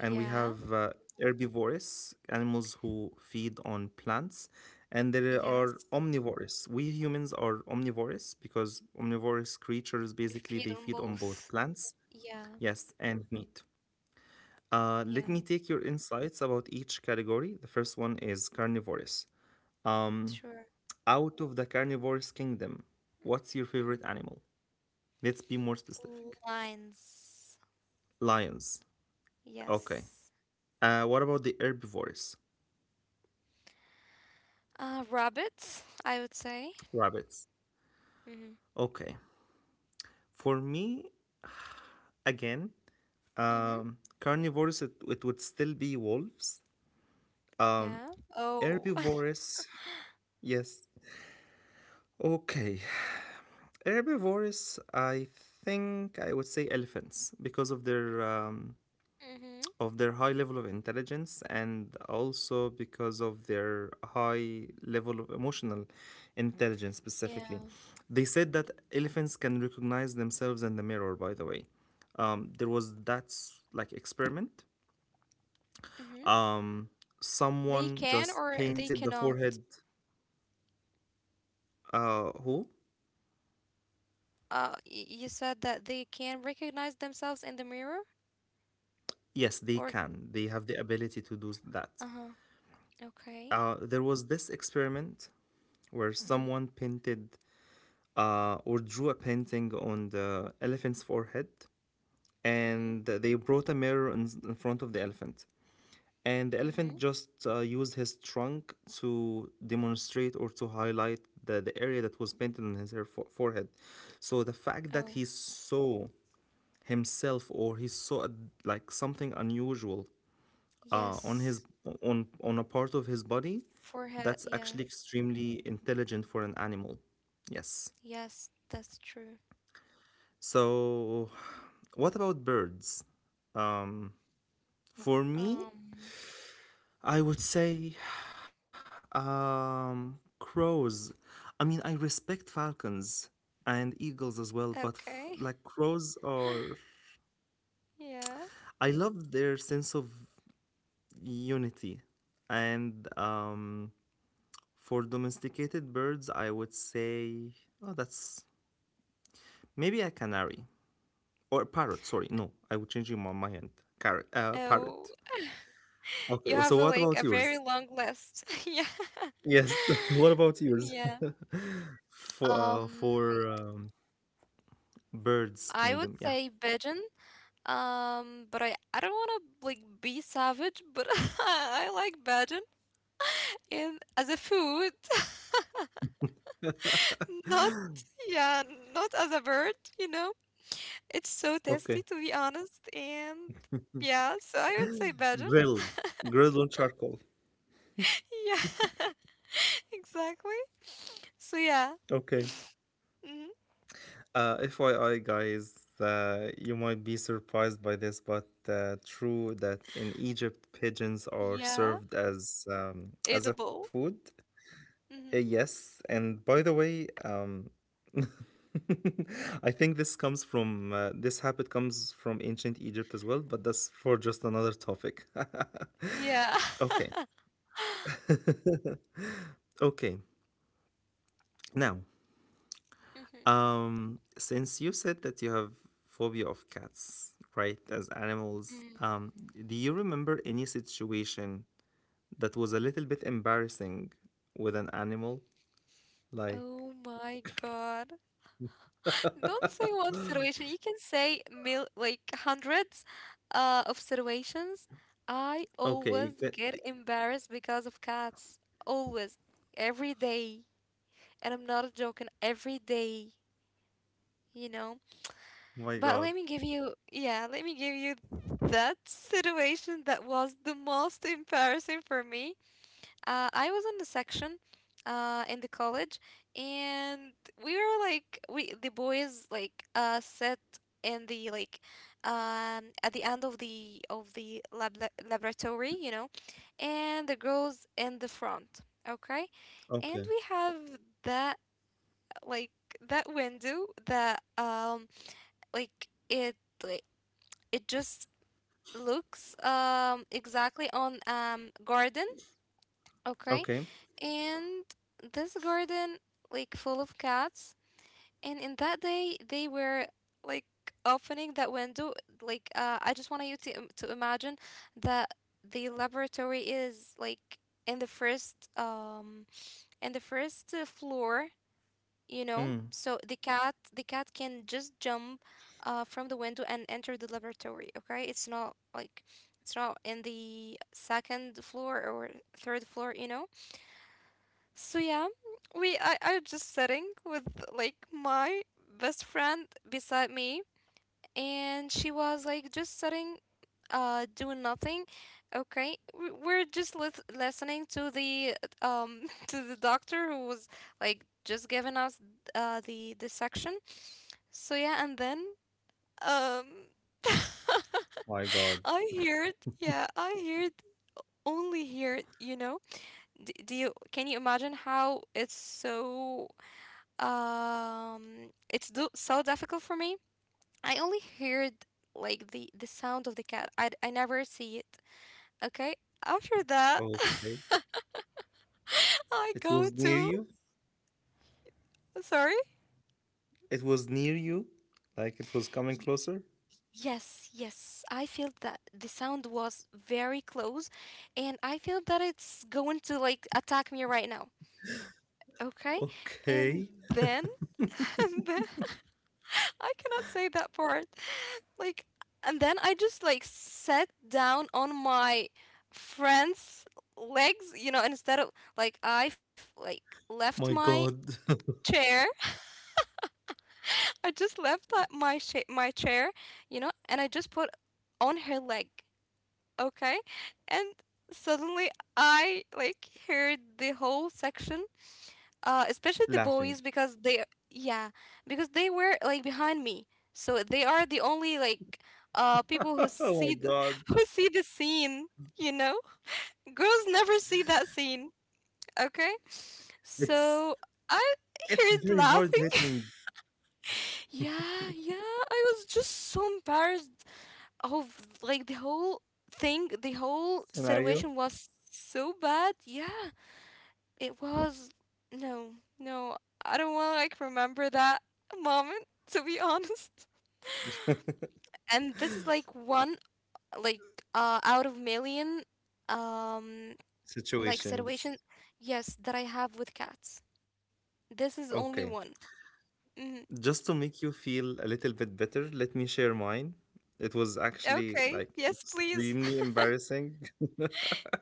A: and we have herbivorous animals who feed on plants, and there are
B: Yes.
A: omnivorous. We humans are omnivorous because omnivorous creatures
B: We
A: basically
B: feed
A: they
B: on
A: feed on both
B: both.
A: plants,
B: Yeah.
A: yes, and meat. Let me
B: Yeah.
A: take your insights about each category. The first one is carnivorous. um,
B: Sure.
A: Out of the carnivorous kingdom, what's your
B: Mm.
A: favorite animal? Let's be more specific.
B: Lines.
A: Lions? Okay.
B: Yes.
A: What about the herbivorous?
B: Rabbits, I would say.
A: Rabbits?
B: Mm-hmm.
A: Okay. For me, again,
B: Mm-hmm.
A: carnivores, it would still be wolves. Um,
B: Yeah. Oh. <laughs>
A: Herbivores, yes. Okay. Herbivores, I think I would say elephants because of their
B: Mm-hmm.
A: high level of intelligence, and also because of their high level of emotional intelligence
B: Yeah.
A: specifically. They said that elephants can recognize themselves in the mirror, by the way. There was that experiment.
B: Mm-hmm.
A: Um,
B: They
A: Someone
B: can
A: just
B: or they
A: painted the
B: cannot.
A: forehead. Who?
B: You said that they can recognize themselves in the mirror
A: Yes, they
B: or
A: can. They have the ability to do that.
B: uh-huh. Okay.
A: There was this experiment where
B: Mm-hmm.
A: someone painted or drew a painting on the elephant's forehead,
B: Mm-hmm.
A: and they brought a mirror in, front of the elephant. And the elephant
B: hmm
A: just used his trunk to demonstrate or to highlight the area that was painted on his hair forehead. So the fact that
B: Oh,
A: he saw himself, or he saw like something unusual uh, on his
B: yes.
A: on a part of his body,
B: Forehead.
A: that's
B: Yeah.
A: actually extremely intelligent for an animal. Yes.
B: Yes, that's true.
A: So what about birds? um, for me,
B: Um,
A: I would say crows. I mean, I respect falcons and eagles as well, but
B: okay. <laughs>
A: like crows are,
B: Yeah.
A: I love their sense of unity. And for domesticated birds, I would say, oh, that's maybe a canary, or a parrot. Sorry, no, I would change my mind. Carrot,
B: Oh,
A: parrot. Okay,
B: you
A: well,
B: have
A: so
B: a,
A: what
B: like,
A: about
B: a very
A: yours?
B: long list. <laughs> Yeah.
A: Yes, <laughs> what about
B: <laughs>
A: yours?
B: Yeah.
A: For
B: Um,
A: birds
B: I would
A: kingdom, yeah.
B: say pigeon. But I don't want to like be savage, but <laughs> I like badgeon in as a food,
A: <laughs>
B: <laughs> not, yeah, not as a bird, you know. It's so tasty
A: Okay,
B: to be honest, and yeah, so I would say badgeon.
A: grilled, grilled on charcoal.
B: <laughs> Yeah, <laughs> exactly. So yeah.
A: Okay.
B: <laughs> hmm
A: FYI, guys, you might be surprised by this, but true that in Egypt, pigeons are
B: Yeah,
A: served as as a
B: edible.
A: food.
B: Hmm
A: Yes, and by the way, <laughs> I think this comes from this habit comes from ancient Egypt as well, but that's for just another topic.
B: Yeah.
A: <laughs> Okay.
B: <laughs>
A: <laughs> Okay. Now,
B: Mhm.
A: Since you said that you have phobia of cats, right, as animals,
B: Mm.
A: do you remember any situation that was a little bit embarrassing with an animal? Like,
B: Oh my God. Don't say one situation. You can say mil like hundreds of situations. I
A: okay, you
B: always
A: get,
B: get embarrassed because of cats. Always. Every day. And I'm not joking. Every day, you know.
A: my
B: But
A: God.
B: let me give you, yeah, let me give you that situation that was the most embarrassing for me. I was in the section, in the college, and we were like we the boys like sat in the like at the end of the laboratory, you know, and the girls in the front. Okay, and
A: Okay,
B: we have that like that window that like like it just looks exactly on garden. Okay,
A: okay.
B: and this garden like full of cats, and in that day they were like opening that window, like I just want you to imagine that the laboratory is like in the first floor, you know,
A: Mm,
B: so the cat can just jump from the window and enter the laboratory. Okay, it's not in the second floor or third floor, you know. So yeah, I was just sitting with like my best friend beside me, and she was like just sitting doing nothing. Okay. We're just listening to the um <laughs> to the doctor who was like just giving us the section. So yeah, and then um <laughs>
A: my God.
B: I heard, yeah, I heard only heard, D do you Can you imagine how it's so difficult for me? I only heard like the sound of the cat. I never see it. Okay. After that,
A: Okay.
B: <laughs> I
A: It
B: go
A: was near
B: to
A: you?
B: sorry.
A: It was near you? Like it was coming
B: Y-
A: closer?
B: yes, yes. I feel that the sound was very close, and I feel that it's going to like attack me right now. Okay,
A: Okay.
B: and then <laughs> and then <laughs> I cannot say that part. Like, and then I just like sat down on my friend's legs, instead of like left
A: My
B: my
A: God. <laughs>
B: chair. <laughs> I just left my chair, and I just put on her leg, okay? And suddenly I like heard the whole section, especially the boys,
A: Laughing.
B: because they yeah, because they were like behind me, so they are the only like people who
A: <laughs> Oh my God.
B: <laughs> who see the scene, you know girls never see that scene, okay.
A: It's
B: So I
A: it's
B: heard
A: very hard
B: laughing.
A: hitting.
B: <laughs> Yeah, yeah, I was just so embarrassed of like the whole
A: Scenario?
B: situation was so bad. Yeah. It was. No, no, I don't want to like remember that moment, to be <laughs> honest.
A: <laughs>
B: And this is like one, like, out of million, um, like
A: Situations.
B: situation, yes, that I have with cats. This is
A: Okay.
B: only one. Hmm
A: Just to make you feel a little bit better, let me share mine. It was actually
B: Okay,
A: like
B: yes, please.
A: extremely
B: <laughs>
A: embarrassing. <laughs>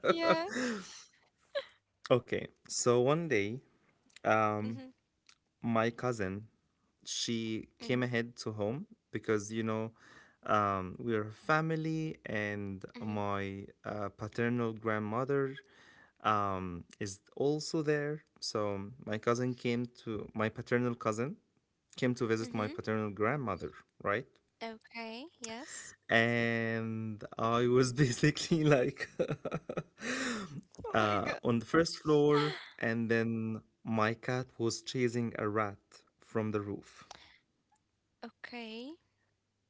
B: Yeah.
A: Okay. So one day, um,
B: Mm-hmm.
A: my cousin, she
B: Mm-hmm.
A: came ahead to home because, we're a family, and
B: Mm-hmm.
A: my paternal grandmother is also there. So my paternal cousin came to visit
B: hmm
A: my paternal grandmother, right?
B: Okay, yes.
A: And I was basically <laughs> like
B: Oh
A: <laughs>
B: my God.
A: on the first floor, and then my cat was chasing a rat from the roof,
B: Okay.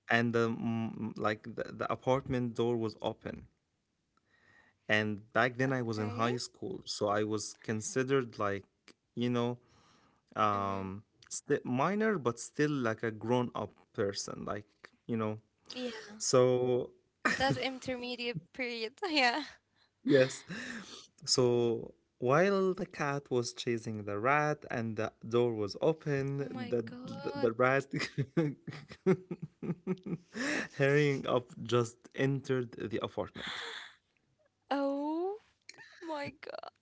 A: and the mm, like the apartment door was open. And back then I was in
B: Okay.
A: high school, so I was considered like you know
B: Mm-hmm.
A: um, sti minor, but still like a grown up person, like you know.
B: Yeah.
A: So
B: That intermediate period. <laughs> Yeah.
A: yes. So while the cat was chasing the rat and the door was
B: Oh
A: open,
B: my
A: the the,
B: God.
A: the rat <laughs> hurrying up just entered the apartment.
B: Oh my god.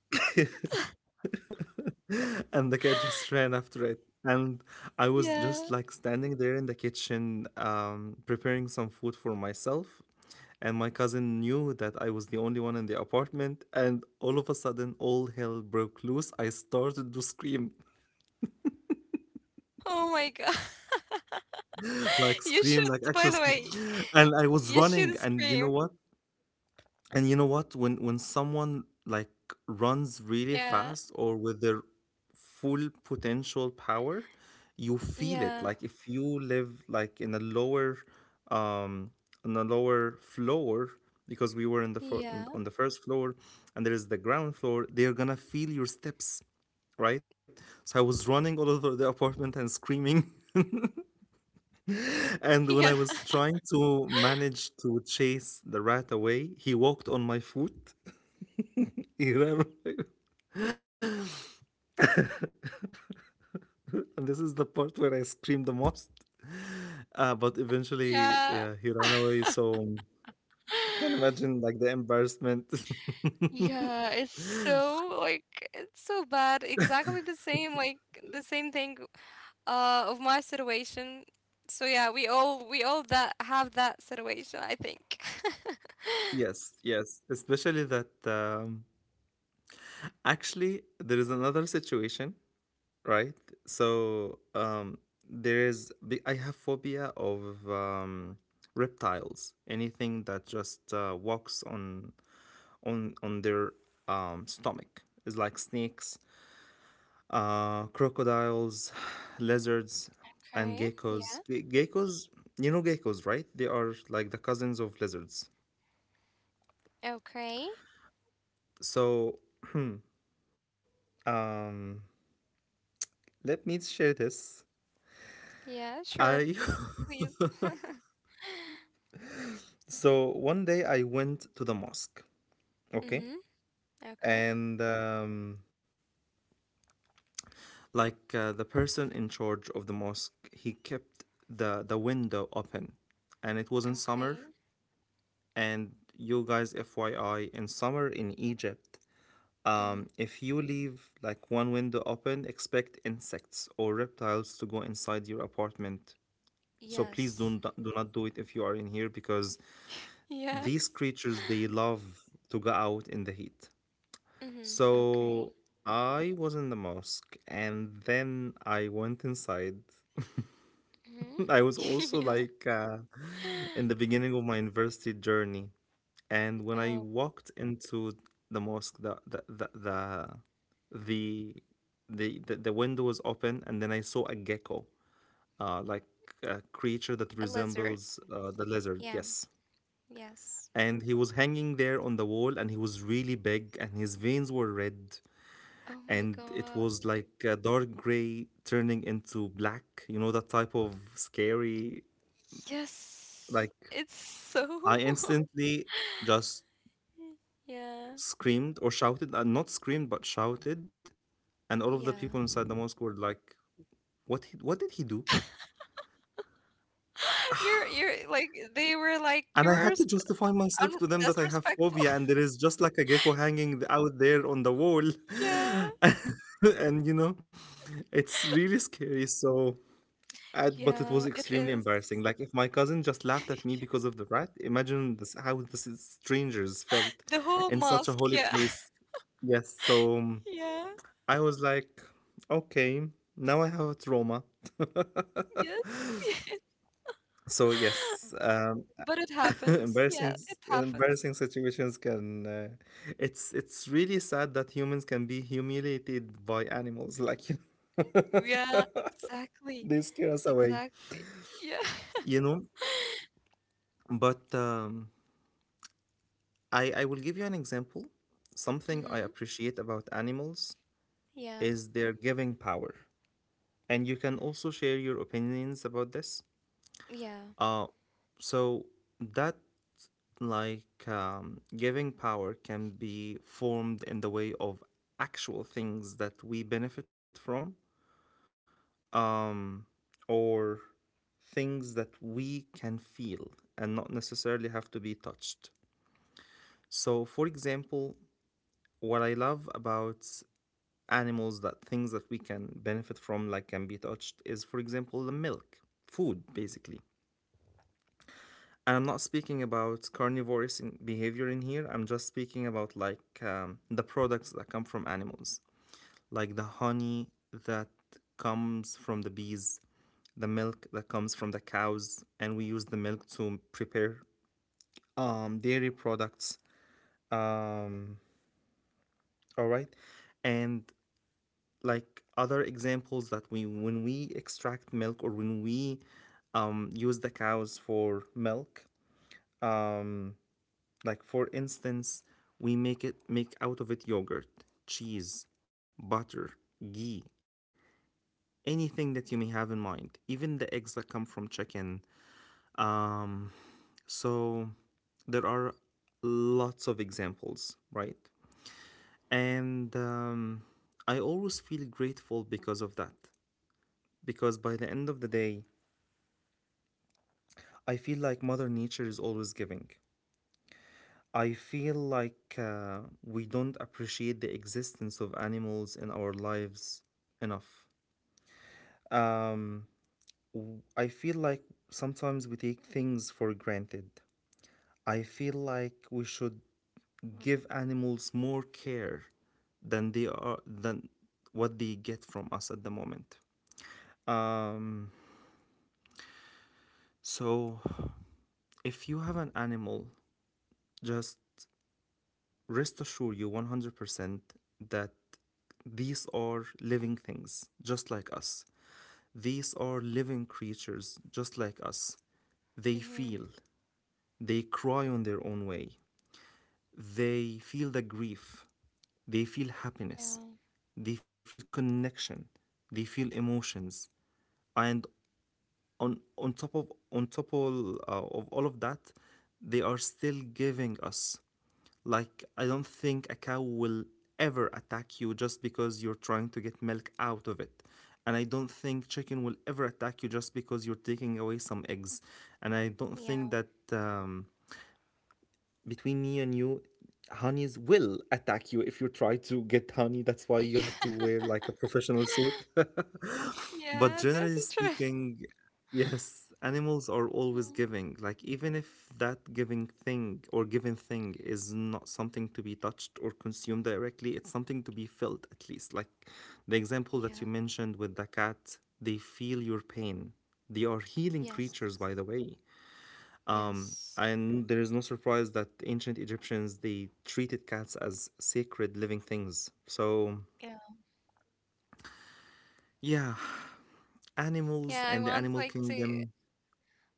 A: <laughs> And the cat just ran after it. And I was
B: Yeah.
A: just like standing there in the kitchen, preparing some food for myself. And my cousin knew that I was the only one in the apartment. And all of a sudden, all hell broke loose. I started to scream.
B: Oh my god. <laughs>
A: Like
B: You
A: scream,
B: should,
A: like actual
B: by the
A: scream.
B: way,
A: And I was
B: you
A: running,
B: should
A: and you know
B: scream.
A: what and you know what when someone like runs really fast
B: Yeah.
A: or with their full potential power, you feel it.
B: Yeah.
A: Like if you live like in a lower um on a lower floor, because we were in the on
B: Yeah.
A: the first floor, and there is the ground floor, they're gonna feel your steps, right? So I was running all over the <laughs> apartment and screaming. And
B: <laughs>
A: when I
B: Yeah.
A: was trying to manage to chase the rat away, he walked on my foot. <laughs> He ran on my foot. And this is the part where I screamed the most. But eventually,
B: Yeah.
A: yeah, he ran away. So you can
B: <gasps> <sighs>
A: imagine like the embarrassment.
B: Yeah, it's so like it's so bad. Exactly the same like the same thing of my situation. So yeah, we all that have that situation, I think. <laughs>
A: <laughs> Yes, yes. Especially that actually there is another situation, right? So there is, I have phobia of um, reptiles, anything that just walks on on their stomach. It's like snakes, crocodiles, lizards, and
B: Okay.
A: geckos.
B: Yeah.
A: Geckos, you know geckos, right? They are like the cousins of lizards.
B: Okay.
A: So um, let me share this.
B: Yeah, sure.
A: I
B: Please. <laughs>
A: <laughs> so one day I went to the mosque. Okay,
B: Mhm. Okay.
A: and like the person in charge of the mosque, he kept the window open, and it wasn't summer.
B: Okay.
A: And you guys, FYI, in summer in Egypt,
B: Mm-hmm.
A: if you leave like one window open, expect insects or reptiles to go inside your apartment. So please
B: Yes.
A: do not, do not do it if you are in here, because these
B: Yes.
A: creatures they love to go out in the heat.
B: Mm-hmm. Okay.
A: So I was in the mosque and then I went inside.
B: Mm-hmm.
A: <laughs> I was
B: <laughs>
A: also
B: Yeah.
A: like in the beginning of my university journey. And when I
B: Oh,
A: walked into the mosque, the, the window was open, and then I saw a gecko, like a creature that
B: a lizard.
A: resembles the lizard.
B: Yeah.
A: Yes,
B: Yes.
A: and he was hanging there on the wall, and he was really big, and his veins were red,
B: Oh my
A: and it
B: God.
A: was like a dark gray turning into black. You know that type of scary,
B: Yes.
A: like
B: It's so.
A: I instantly just
B: <laughs> Yeah.
A: screamed or shouted, not screamed but shouted, and all of the people
B: Yeah.
A: inside the mosque were like, "What? He, what did he do?"
B: <gasps> <laughs> You're like they were like
A: And I
B: you're
A: had to justify myself to them that I have phobia
B: disrespectful.
A: and there is just like a gecko hanging out there on the wall,
B: <laughs> Yeah.
A: <laughs> and you know, it's really scary. So, I, but it
B: Yeah,
A: was
B: it
A: extremely
B: is.
A: embarrassing. Like if my cousin just laughed at me
B: <laughs>
A: because of the rat, imagine this, how the is strangers felt
B: The whole
A: in such a
B: mosque.
A: holy
B: Yeah.
A: place.
B: <laughs>
A: Yes, so
B: Yeah.
A: I was like, okay, now I have a trauma.
B: Yes. <laughs> Yes.
A: So
B: <laughs>
A: yes,
B: But it
A: <laughs>
B: happens.
A: embarrassing
B: Yeah, it happens.
A: embarrassing situations can it's really sad that humans can be humiliated by animals like you. <laughs>
B: Yeah, exactly.
A: They scare us away,
B: Exactly. Yeah. <laughs>
A: you know. But I will give you an example. Something I
B: Mm-hmm.
A: appreciate about animals
B: Yeah.
A: is their giving power, and you can also share your opinions about this.
B: Yeah.
A: Uh so that like giving power can be formed in the way of actual things that we benefit from, um, or things that we can feel and not necessarily have to be touched. So for example, what I love about animals, that things that we can benefit from like can be touched, is for example the milk, food basically. And I'm not speaking about carnivorous in behavior in here. I'm just speaking about like the products that come from animals, like the honey that comes from the bees, the milk that comes from the cows, and we use the milk to prepare dairy products. Um, all right, and like other examples that we when we extract milk or when we use the cows for milk. Um, Like for instance, we make it make out of it yogurt, cheese, butter, ghee, anything that you may have in mind. Even the eggs that come from chicken. Um, so there are lots of examples, right? And I always feel grateful because of that. Because by the end of the day, I feel like Mother Nature is always giving. I feel like we don't appreciate the existence of animals in our lives enough. Um, I feel like sometimes we take things for granted. I feel like we should give animals more care than they are than what they get from us at the moment. Um, so if you have an animal, just rest assure you 100% that these are living things just like us. These are living creatures just like us. They
B: Mm-hmm.
A: feel, they cry on their own way. They feel the grief, they feel
B: Yeah.
A: happiness, they feel connection, they feel emotions. And on top of all of that, they are still giving us. Like, I don't think a cow will ever attack you just because you're trying to get milk out of it. And I don't think chicken will ever attack you just because you're taking away some eggs. And I don't think
B: Yeah.
A: that between me and you, honeys will attack you if you try to get honey. That's why you
B: Yeah.
A: have to wear like a professional suit.
B: <laughs>
A: <laughs> But
B: Yeah, that's a
A: generally
B: true.
A: speaking, yes, animals are always
B: Mhm.
A: giving. Like, even if that giving thing or given thing is not something to be touched or consumed directly, it's something to be felt at least. Like the example that
B: Yeah.
A: you mentioned with the cat, they feel your pain. They are healing
B: Yes.
A: creatures, by the way.
B: Yes.
A: And there is no surprise that ancient Egyptians they treated cats as sacred living things. So
B: Yeah.
A: yeah,
B: Yeah,
A: animals
B: I
A: and the
B: want
A: animal
B: like to
A: kingdom.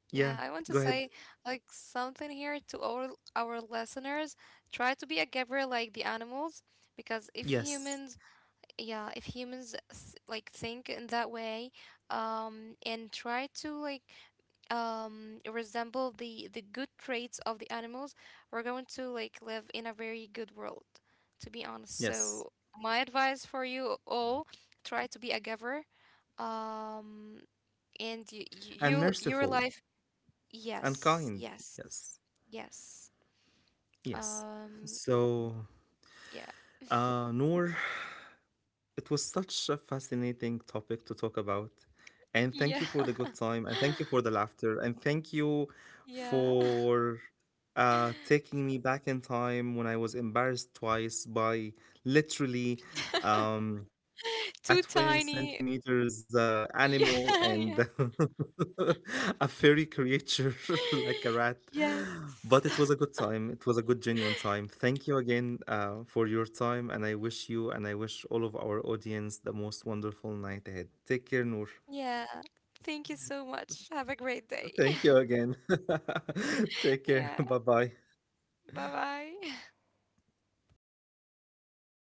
B: yeah,
A: Yeah,
B: I want to
A: go ahead.
B: say like something here to all our listeners. Try to be a giver like the animals, because if
A: Yes,
B: humans, yeah, if humans like think in that way and try to like resemble the good traits of the animals, we're going to like live in a very good world, to be honest.
A: yes,
B: So my advice for you all, try to be a giver, um and you,
A: and
B: your
A: merciful
B: life.
A: and
B: Yes,
A: kind.
B: yes.
A: Yes,
B: Yes.
A: yes.
B: um
A: So
B: yeah.
A: Noor, it was such a fascinating topic to talk about.
B: <laughs>
A: And
B: Yeah.
A: thank you for the good time. And thank you for the laughter. And thank you
B: <laughs>
A: for taking me back in time when I was embarrassed twice by literally
B: Yeah. <laughs>
A: um,
B: <laughs>
A: a
B: Too
A: 20 cm
B: tiny.
A: centimeters
B: Yeah,
A: animal
B: <laughs>
A: and
B: yeah.
A: <laughs> a furry creature <laughs> like a rat.
B: Yes.
A: But it was
B: <laughs>
A: a good time. It was a good, genuine time. Thank you again for your time. And I wish you and I wish all of our audience the most wonderful night ahead. Take care, Noor.
B: Yeah. Thank you so much. Have a great day.
A: Thank you again. <laughs>
B: <laughs>
A: Take care. <laughs>
B: Yeah.
A: Bye bye.
B: Bye bye. <laughs>